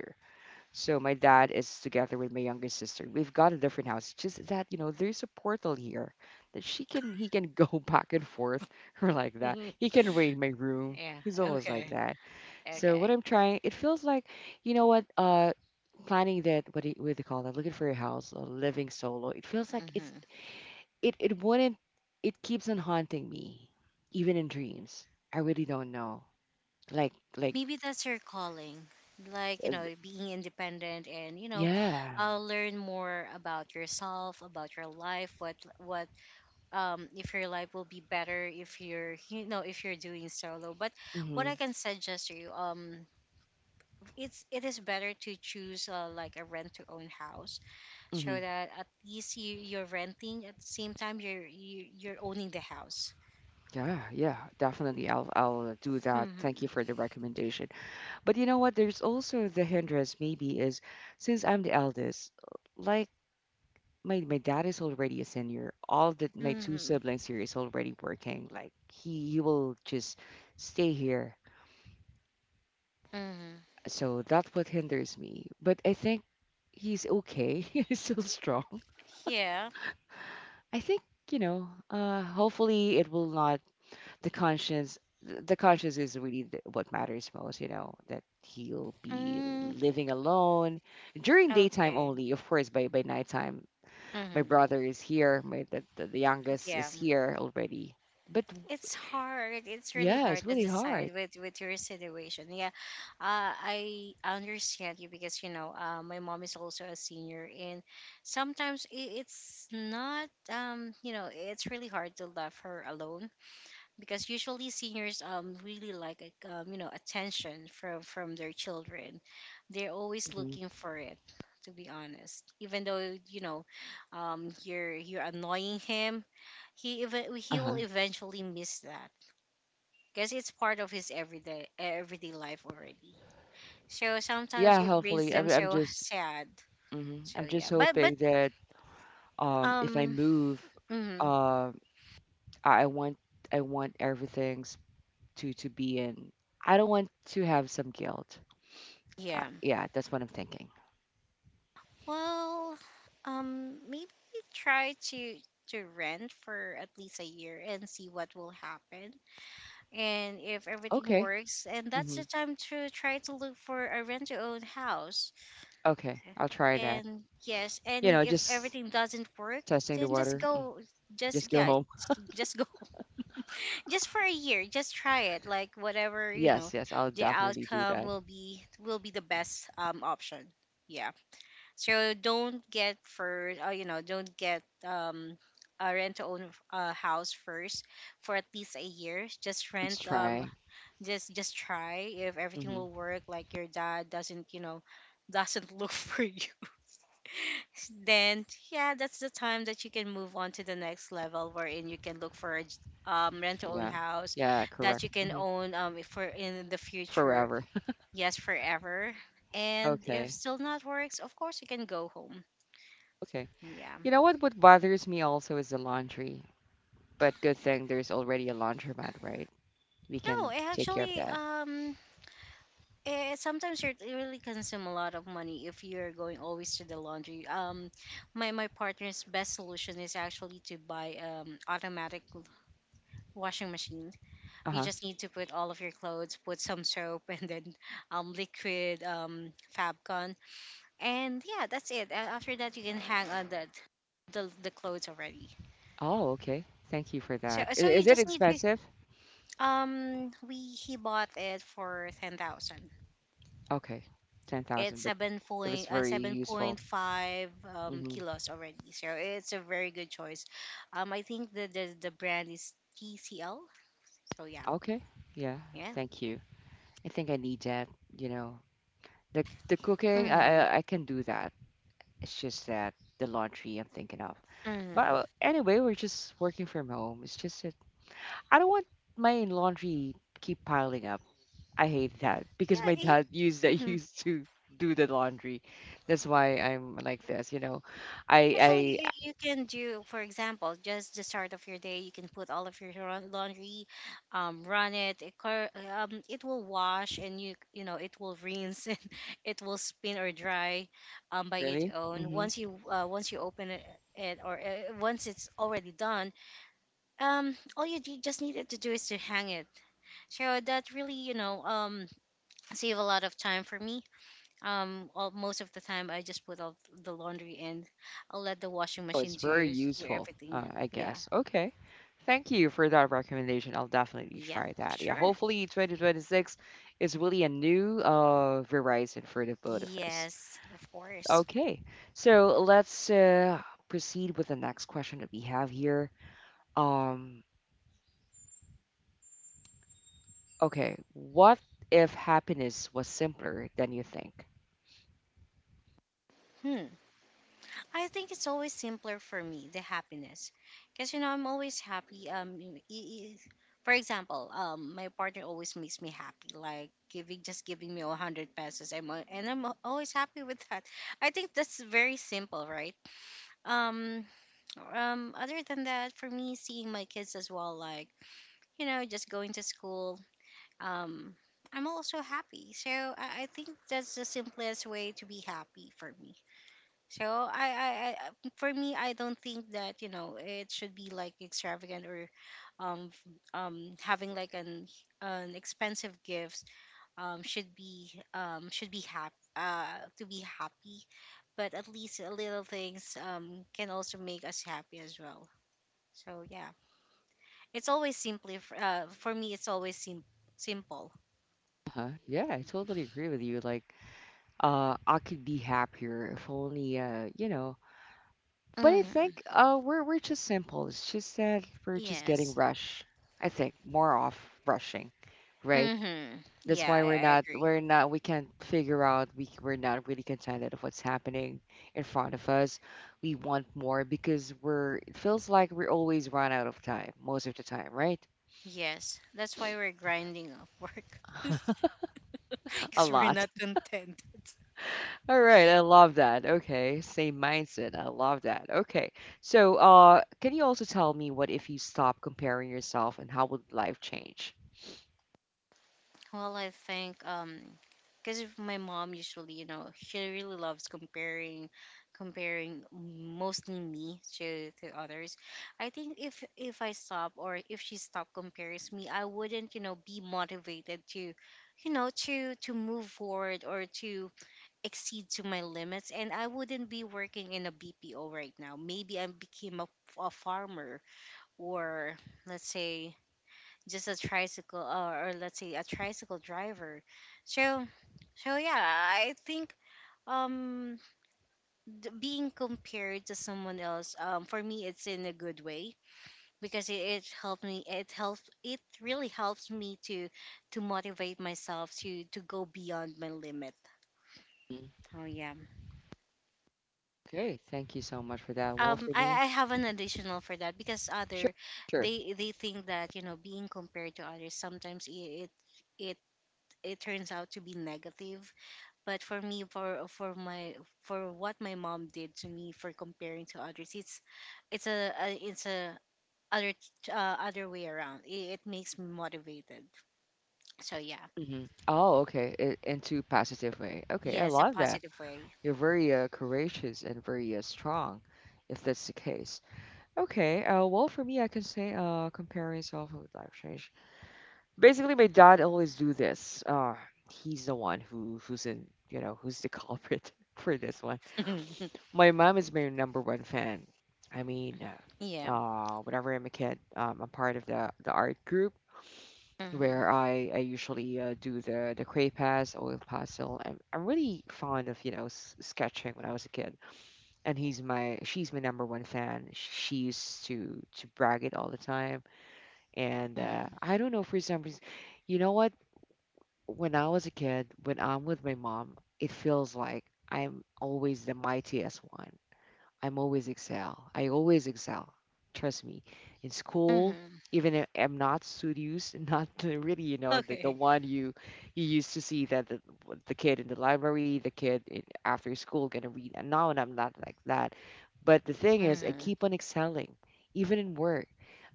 S1: So my dad is together with my younger sister. We've got a different house. Just that, you know, there's a portal here that she can he can go back and forth or like that. He can raid my room.
S2: Yeah.
S1: He's always like
S2: Okay.
S1: that. So what
S2: Okay.
S1: I'm trying, it feels like, you know what, planning that what do you call that? Looking for a house, or living solo. It feels like it's
S2: Mm-hmm.
S1: it it wouldn't it keeps on haunting me even in dreams. I really don't know. Like
S2: Maybe that's your calling, like
S1: uh,
S2: being independent, and
S1: yeah.
S2: learn more about yourself, about your life. What if your life will be better if you're you know if you're doing solo, but what I can suggest to you, it is better to choose like a rent to own house, so
S1: Mhm.
S2: that at least you're renting, at the same time you're you're owning the house.
S1: Yeah, yeah, definitely. I'll do that. Thank you
S2: Mm-hmm.
S1: for the recommendation. But you know what? There's also the hindrance maybe is since I'm the eldest, like my dad is already a senior. All the my two
S2: Mm-hmm.
S1: siblings here is already working. Like he will just stay here.
S2: Mm-hmm.
S1: So that's what hinders me. But I think he's okay. He's still strong.
S2: Yeah.
S1: I think, you know, hopefully it will not the conscience the conscience is really th- what matters most, you know, that he'll be
S2: Mm,
S1: living alone during daytime
S2: okay.
S1: only, of course. By nighttime my
S2: Mm-hmm.
S1: brother is here my the youngest
S2: Yeah,
S1: is
S2: mm.
S1: here already but
S2: It's hard. It's really
S1: yeah
S2: hard
S1: it's
S2: to
S1: really hard.
S2: decide with your situation. Yeah, I understand you, because my mom is also a senior, and sometimes it's not, it's really hard to love her alone, because usually seniors really like attention from their children. They're always
S1: Mhm.
S2: looking for it, to be honest. Even though you're annoying him, he even he will
S1: Uh-huh.
S2: eventually miss that, because it's part of his everyday life already. So sometimes
S1: Yeah,
S2: it brings
S1: hopefully
S2: them
S1: I'm
S2: so
S1: just
S2: sad.
S1: mhm.
S2: So
S1: I'm just
S2: yeah, but
S1: hoping that if I
S2: um
S1: move
S2: mhm,
S1: um I want I want everything's to be in I don't want to have some guilt. I
S2: yeah.
S1: yeah, that's what I'm thinking.
S2: Well, maybe try to rent for at least a year and see what will happen. And if everything
S1: Okay.
S2: works, and that's
S1: Hmm.
S2: the time to try to look for a rent-to-own house.
S1: Okay. I'll try that.
S2: And yes,
S1: You
S2: and
S1: know,
S2: if
S1: just
S2: everything doesn't work,
S1: testing the
S2: then just
S1: water. Mm.
S2: go, just
S1: Just go
S2: yeah,
S1: home.
S2: s- just go, just for a year, just try it. Like whatever
S1: Yes, yes, I'll
S2: the
S1: definitely do
S2: outcome
S1: that.
S2: will be the best option. Yeah. So don't get for you know, don't get a rent to own house first, for at least a year. Just
S1: Please
S2: rent,
S1: try.
S2: just try if everything
S1: Hmm.
S2: will work, like your dad doesn't look for you. Then yeah, that's the time that you can move on to the next level, wherein you can look for a rent to own
S1: Yeah.
S2: house
S1: Yeah,
S2: that
S1: correct.
S2: you can
S1: Hmm.
S2: own for in the future.
S1: Forever.
S2: Yes, forever. And if
S1: Okay.
S2: still not works, of course you can go home.
S1: Okay.
S2: Yeah.
S1: You know what? What bothers me also is the laundry. But good thing there's already a laundromat, right? We
S2: No,
S1: can
S2: it
S1: take care of
S2: actually,
S1: that.
S2: sometimes you really consume a lot of money if you're going always to the laundry. My partner's best solution is actually to buy automatic washing machine. You
S1: Uh-huh.
S2: just need to put all of your clothes, put some soap, and then liquid Fabcon, and yeah, that's it. After that, you can hang on the clothes already.
S1: Oh, okay. Thank you for
S2: So
S1: that. I-
S2: so you
S1: Is it
S2: just need to
S1: expensive?
S2: we he bought it for 10,000.
S1: Okay.
S2: It's
S1: 10,000, but if it's very
S2: seven
S1: useful.
S2: point five
S1: Hmm.
S2: kilos already. So it's a very good choice. I think the brand is TCL. So yeah,
S1: Okay. Yeah.
S2: yeah.
S1: Thank you. I think I need that, you know. The cooking,
S2: Mm-hmm.
S1: I can do that. It's just that the laundry I'm thinking of. But
S2: Mm-hmm.
S1: anyway, we're just working from home. It's just that I don't want my laundry keep piling up. I hate that because
S2: Yeah.
S1: my dad used that
S2: Mhm.
S1: used to do the laundry. That's why I'm like this, you know. I
S2: Actually, you can do, for example, just the start of your day, you can put all of your laundry, run it, it will wash, and it will rinse, and it will spin or dry, by its
S1: really?
S2: own.
S1: Mm-hmm.
S2: Once you open it, it or once it's already done, all just needed to do is to hang it. So that really, save a lot of time for me. Most of the time, I just put all the laundry in. I'll let the washing
S1: Oh,
S2: machine
S1: it's very
S2: do
S1: useful,
S2: everything.
S1: I
S2: Yeah.
S1: guess. Okay. Thank you for that recommendation. I'll definitely
S2: Yep.
S1: try that. Yeah,
S2: Sure.
S1: hopefully 2026 is really a new horizon for the both of us.
S2: Yes, of course.
S1: Okay, so let's proceed with the next question that we have here. Um, okay, what if happiness was simpler than you think?
S2: Hmm. I think it's always simpler for me, the happiness. Because, I'm always happy. For example, my partner always makes me happy, like giving just giving me a 100 pesos. And I'm always happy with that. I think that's very simple, right? Um, Other than that, for me, seeing my kids as well, like just going to school, um I'm also happy, so I think that's the simplest way to be happy for me. So I for me, I don't think that it should be like extravagant, or um f- having like an expensive gift, should be happy, to be happy, but at least, little things can also make us happy as well, so yeah, it's always simply for me. It's always simple.
S1: Uh-huh. Yeah, I totally agree with you. Like, I could be happier if only, you know, but I
S2: Hmm.
S1: think we're just simple. It's just that we're just getting
S2: Yes.
S1: rushed. I think more off rushing, right?
S2: Mm-hmm.
S1: That's
S2: Yeah,
S1: why
S2: I,
S1: we're
S2: I
S1: not
S2: agree.
S1: we're not we can't figure out we're not really contented of what's happening in front of us. We want more because we're it feels like we always run out of time most of the time, right?
S2: Yes, that's why we're grinding off work
S1: A
S2: because we're
S1: lot.
S2: not content.
S1: All right, I love that. Okay, same mindset. I love that. Okay, so can you also tell me what if you stop comparing yourself and how would life change?
S2: Well, I think, because if my mom usually, she really loves comparing mostly me to others. I think if I stop, or if she stop compares me, I wouldn't, be motivated to to move forward, or to exceed to my limits, and I wouldn't be working in a BPO right now. Maybe I became a farmer, or let's say just a tricycle, or let's say a tricycle driver, so. So yeah, I think, um being compared to someone else, for me, it's in a good way, because it helped me it helps it really helps me to motivate myself to go beyond my limit.
S1: Mm.
S2: Oh yeah.
S1: Okay, thank you so much for that. Well, for me,
S2: I have an additional for that, because
S1: sure,
S2: other,
S1: sure.
S2: they think that being compared to others, sometimes it, it turns out to be negative. But for me, for what my mom did to me for comparing to others, it's a it's a other other way around. It makes me motivated. So yeah,
S1: Hmm. Oh, okay, I- into positive way. Okay, I
S2: yes, a
S1: love that.
S2: positive way.
S1: You're very courageous and very strong, if that's the case. Okay, well, for me, I can say comparing self with life change. Basically, my dad always do this. He's the one who who's in, you know, who's the culprit for this one. My mom is my number one fan. I mean,
S2: Yeah.
S1: whenever I'm a kid, I'm part of the art group
S2: Mhm.
S1: where I usually do the cray pass, oil pastel. I'm really fond of, you know, s- sketching when I was a kid, and he's my she's my number one fan. She used to brag it all the time, and
S2: Mhm.
S1: I don't know for some reason, you know what? When I was a kid, when I'm with my mom, it feels like I'm always the mightiest one. I'm always excel. I always excel. Trust me. In school,
S2: Mhm.
S1: even if I'm not studious, not the- really, you know, the
S2: Okay.
S1: one you you used to see that the kid in the library, the kid in, after school gonna read. And now and I'm not like that. But the thing is, I
S2: Mhm.
S1: keep on excelling, even in work.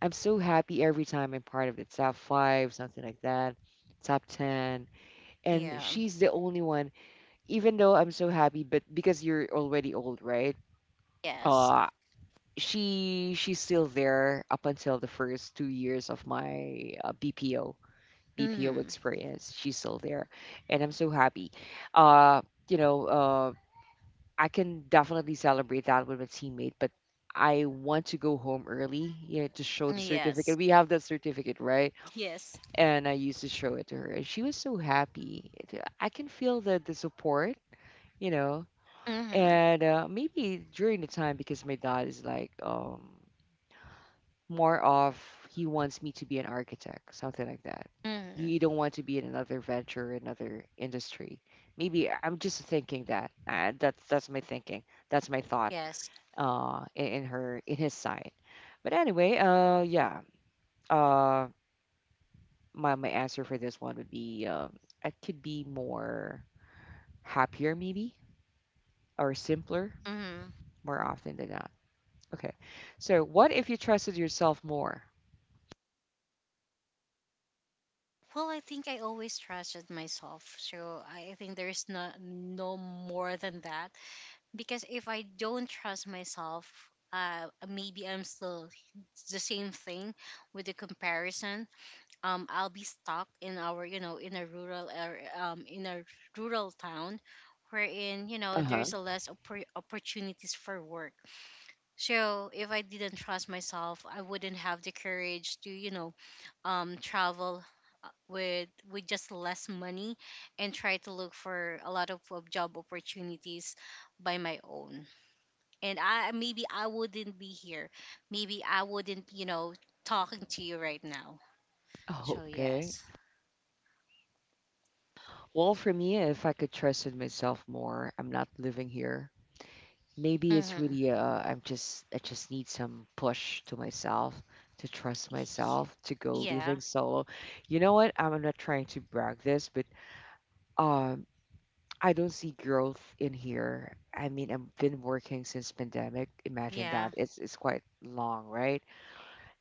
S1: I'm so happy every time I'm part of the top five, something like that, top ten. And
S2: Yeah.
S1: she's the only one, even though I'm so happy, but because you're already old, right?
S2: Yes.
S1: uh, she's still there up until the first 2 years of my BPO BPO
S2: Mhm.
S1: experience. She's still there, and I'm so happy. Uh, you know, uh, I can definitely celebrate that with my teammate, but I want to go home early, to show the
S2: Yes.
S1: certificate. We have that certificate, right?
S2: Yes.
S1: And I used to show it to her, and she was so happy. It- I can feel the support, you know.
S2: Mhm.
S1: And maybe during the time because my dad is like more of, he wants me to be an architect, something like that.
S2: Mhm.
S1: You don't want to be in another venture, another industry. Maybe I- am just thinking that. That's my thinking. That's my thought.
S2: Yes.
S1: In her in his side. But anyway, yeah. Uh, my answer for this one would be I could be more happier maybe, or simpler,
S2: Mhm.
S1: more often than not. Okay. So what if you trusted yourself more?
S2: Well, I think I always trusted myself. So I think there's no more than that. Because if I don't trust myself, maybe I'm still the same thing with the comparison. I'll be stuck in in a rural area, in a rural town wherein,
S1: Uh huh.
S2: there's a less opportunities for work. So if I didn't trust myself, I wouldn't have the courage to, travel with just less money, and try to look for a lot of job opportunities by my own. And I maybe I wouldn't be here. Maybe I wouldn't, talking to you right now. So
S1: Okay.
S2: yes.
S1: Well, for me, if I could trust in myself more, I'm not living here. Maybe it's
S2: Hmm.
S1: really I just need some push to myself to trust myself to go
S2: Yeah.
S1: living solo. You know what? I'm not trying to brag this, but um, I don't see growth in here. I mean, I've been working since pandemic. Imagine
S2: Yeah.
S1: that. It's quite long, right?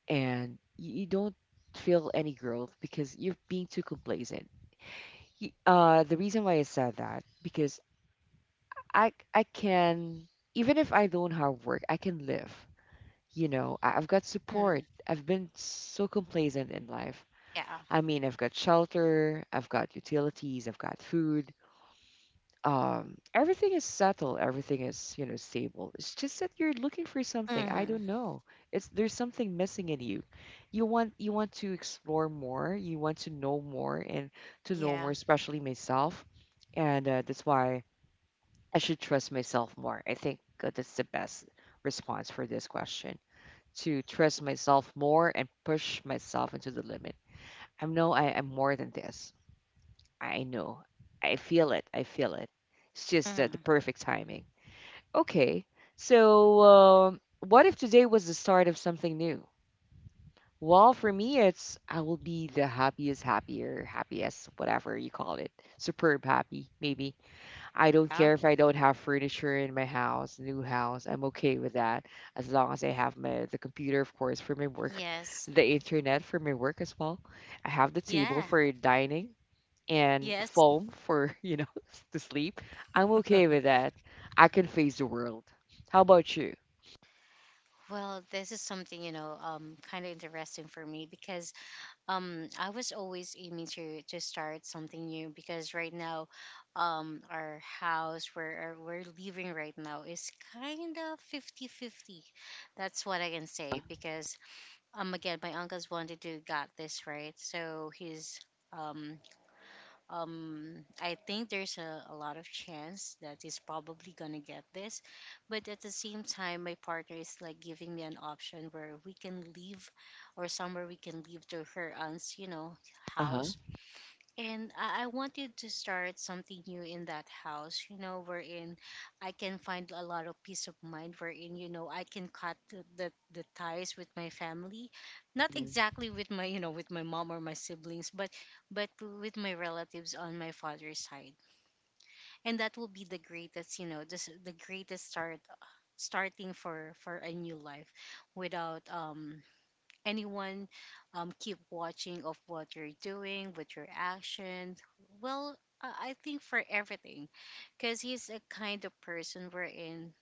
S1: And you don't feel any growth because you're being too complacent. The reason why I said that because I can, even if I don't have work, I can live. You know, I've got
S2: Mm,
S1: support. I've been so complacent in life.
S2: yeah.
S1: I mean, I've got shelter, I've got utilities, I've got food. Everything is settled, everything is, you know, stable. It's just that you're looking for something.
S2: Mm,
S1: I don't know. It's there's something missing in you. You want to explore more, you want to know more, and to know
S2: yeah.
S1: more, especially myself. And that's why I should trust myself more. I think that's the best response for this question, to trust myself more and push myself into the limit. I know I am more than this. I know. I feel it. I feel it. It's just the
S2: Mm,
S1: perfect timing. Okay. So, what if today was the start of something new? Well, for me, it's I will be the happiest, happier, happiest, whatever you call it. Superb happy, maybe. I don't
S2: yeah.
S1: care if I don't have furniture in my house, new house. I'm okay with that as long as I have my, the computer, of course, for my work,
S2: Yes.
S1: the internet for my work as well. I have the table
S2: Yeah.
S1: for dining, and
S2: Yes.
S1: foam for, you know, to sleep. I'm okay with that. I can face the world. How about you?
S2: Well, this is something, kind of interesting for me, because I was always aiming to start something new. Because right now, our house where we're living right now is kind of fifty fifty. That's what I can say. Because again, my uncle's wanted to got this, right? So he's um I think there's a lot of chance that he's probably gonna get this. But at the same time, my partner is like giving me an option where we can leave, or somewhere we can leave to her aunt's,
S1: Uh-huh.
S2: house. And I wanted to start something new in that house, you know, wherein I can find a lot of peace of mind, wherein, I can cut the ties with my family. Not
S1: Mm-hmm.
S2: exactly with my mom or my siblings, but with my relatives on my father's side. And that will be the greatest, you know, this the greatest starting for a new life without anyone keep watching of what you're doing, with your actions. Well, I I think, for everything, because he's a kind of person we're in.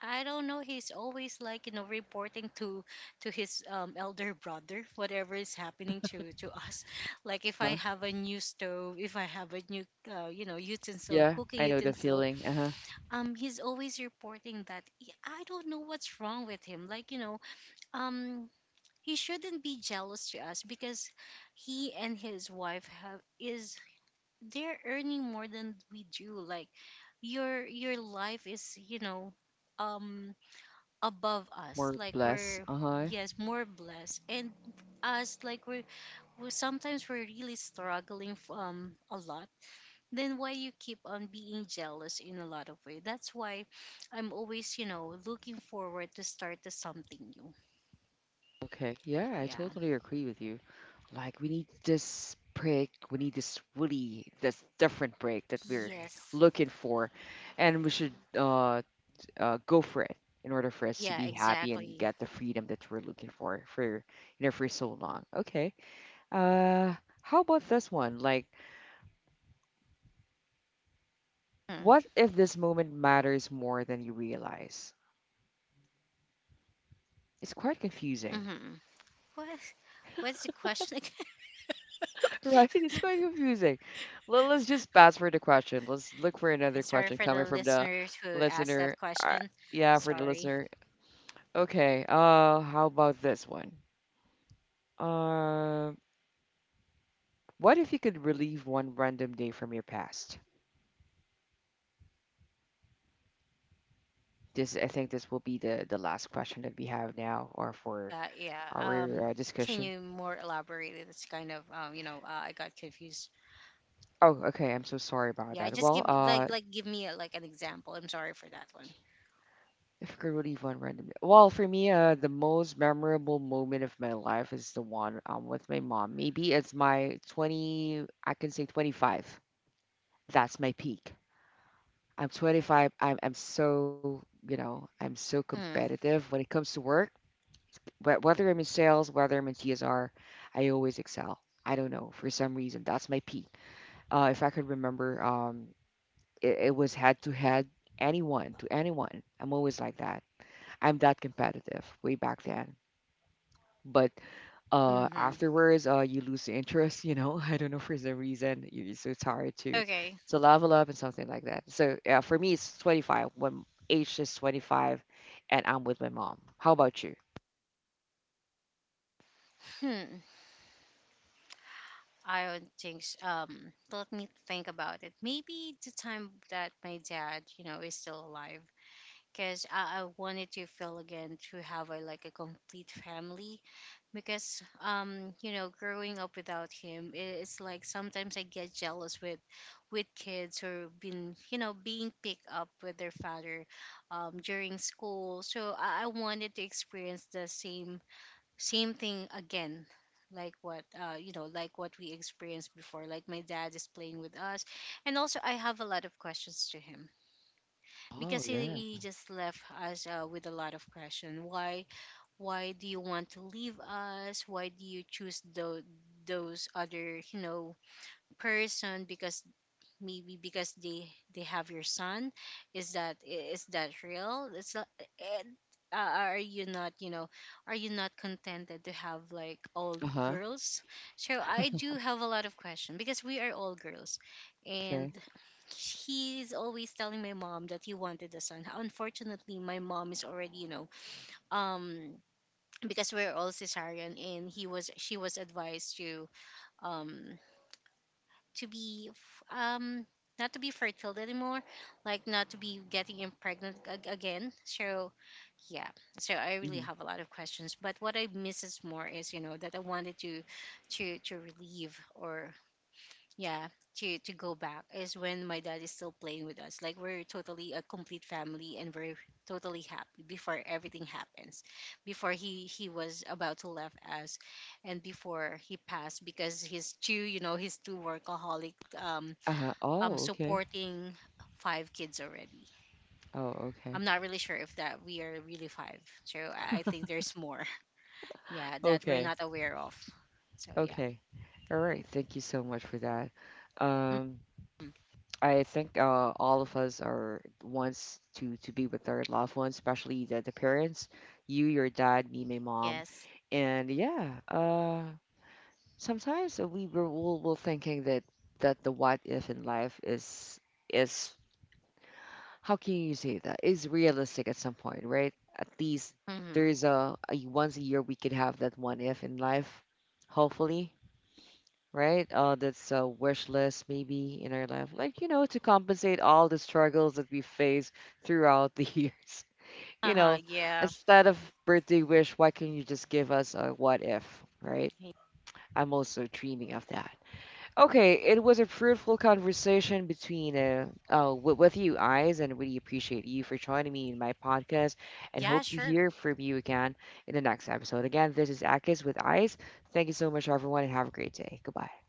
S2: I don't know. He's always, like, reporting to his elder brother whatever is happening to us. Like if I
S1: Uh-huh.
S2: have a new stove, if I have a new utensil,
S1: Yeah,
S2: cooking
S1: I know the
S2: utensil,
S1: feeling. Uh-huh.
S2: he's always reporting that. Yeah, I don't know what's wrong with him. Like, um he shouldn't be jealous to us, because he and his wife have is they're earning more than we do. Like, your life is, um above us.
S1: More
S2: Like
S1: blessed.
S2: we're...
S1: Uh-huh.
S2: Yes, more blessed, and us, like, we're, we sometimes we're really struggling a lot. Then why you keep on being jealous in a lot of way? That's why I'm always, looking forward to start to something new.
S1: Okay.
S2: So
S1: Yeah, I
S2: yeah.
S1: totally agree with you. Like, we need this break. We need this really, this different break that we're
S2: Yes.
S1: looking for. And we should uh, go for it in order for us to
S2: Yeah,
S1: be happy and
S2: exactly.
S1: get the freedom that we're looking for, you know, for so long. Okay. Uh, how about this one? Like,
S2: Hmm.
S1: what if this moment matters more than you realize? It's quite confusing.
S2: Mm-hmm. What? What's the question again?
S1: Right? It's quite confusing. Let's just pass for the question. Let's look for another
S2: Sorry
S1: question
S2: for the
S1: coming from the
S2: listeners who asked that
S1: listener.
S2: question.
S1: Yeah, for the
S2: Sorry.
S1: listener. Okay, how about this one? Uh, what if you could relieve one random day from your past? This, I think this will be the last question that we have now, or for
S2: Yeah.
S1: our
S2: Can you
S1: discussion.
S2: more elaborate? It's kind of I got confused.
S1: Oh, okay. I'm so sorry about
S2: Yeah,
S1: that.
S2: just
S1: Well,
S2: give me like give me a, like, an example. I'm sorry for that one.
S1: if I could relive one random. Well, for me, the most memorable moment of my life is the one with my mom. Maybe it's my 20, I can say 25. That's my peak. I'm 25. I'm so, you know, I'm so
S2: Mm,
S1: competitive when it comes to work. But whether I'm in sales, whether I'm in TSR, I always excel. I don't know, for some reason, that's my peak. If I could remember, it, it was head to head, anyone to anyone. I'm always like that. I'm that competitive way back then, but
S2: mm-hmm.
S1: afterwards, you lose the interest, you know. I don't know, for some reason, you're so tired
S2: Okay.
S1: to level up and something like that. So yeah, for me it's 25, when age is 25 and I'm with my mom. How about you?
S2: Hmm. I don't think s let me think about it. Maybe the time that my dad, is still alive. Because I wanted to feel again, to have a complete family, because growing up without him, it's like sometimes I get jealous with kids or been you know being picked up with their father during school. So I wanted to experience the same thing again, like what we experienced before, like my dad is playing with us. And also, I have a lot of questions to him,
S1: Oh
S2: because he,
S1: yeah.
S2: he just left us with a lot of question. Why? Why do you want to leave us? Why do you choose those other, person? Because maybe because they have your son. Is that real? It's not. And, are you not, contented to have like all
S1: Uh-huh.
S2: girls? So I do have a lot of questions, because we are all girls. And
S1: Okay.
S2: he's always telling my mom that he wanted a son. Unfortunately, my mom is already, um because we're all cesarean, and he was she was advised to um to be not to be fertile anymore, like not to be getting impregnant again. So yeah, so I really
S1: Hmm.
S2: have a lot of questions. But what I miss is more is, that I wanted to relieve, or yeah, to go back, is when my dad is still playing with us, like we're totally a complete family and we're totally happy before everything happens, before he was about to left us, and before he passed, because he's too workaholic, um
S1: Uh-huh. Oh okay.
S2: supporting five kids already.
S1: Oh okay.
S2: I'm not really sure if that we are really five, so I think there's more. Yeah, that we're
S1: Okay.
S2: not aware of. So yeah.
S1: Okay. All right, thank you so much for that. um
S2: Mhm.
S1: I think all of us are wants to be with our loved ones, especially the parents, you, your dad, me, my mom,
S2: Yes.
S1: and yeah. Sometimes we were will thinking that, that the what if in life is, how can you say that is realistic at some point, right? At least there
S2: Hmm.
S1: is a once a year we could have that one if in life, hopefully, right? That's a wish list maybe in our life, like you know, to compensate all the struggles that we face throughout the years. You
S2: Uh-huh.
S1: know,
S2: Yeah.
S1: instead of birthday wish, why can't you just give us a what if, right? I'm also dreaming of that. Okay, it was a fruitful conversation between with you eyes, and really appreciate you for joining me in my podcast, and
S2: Yeah,
S1: hope to
S2: sure.
S1: hear from you again in the next episode. Again, this is Akis with Eyes. Thank you so much, everyone, and have a great day. Goodbye.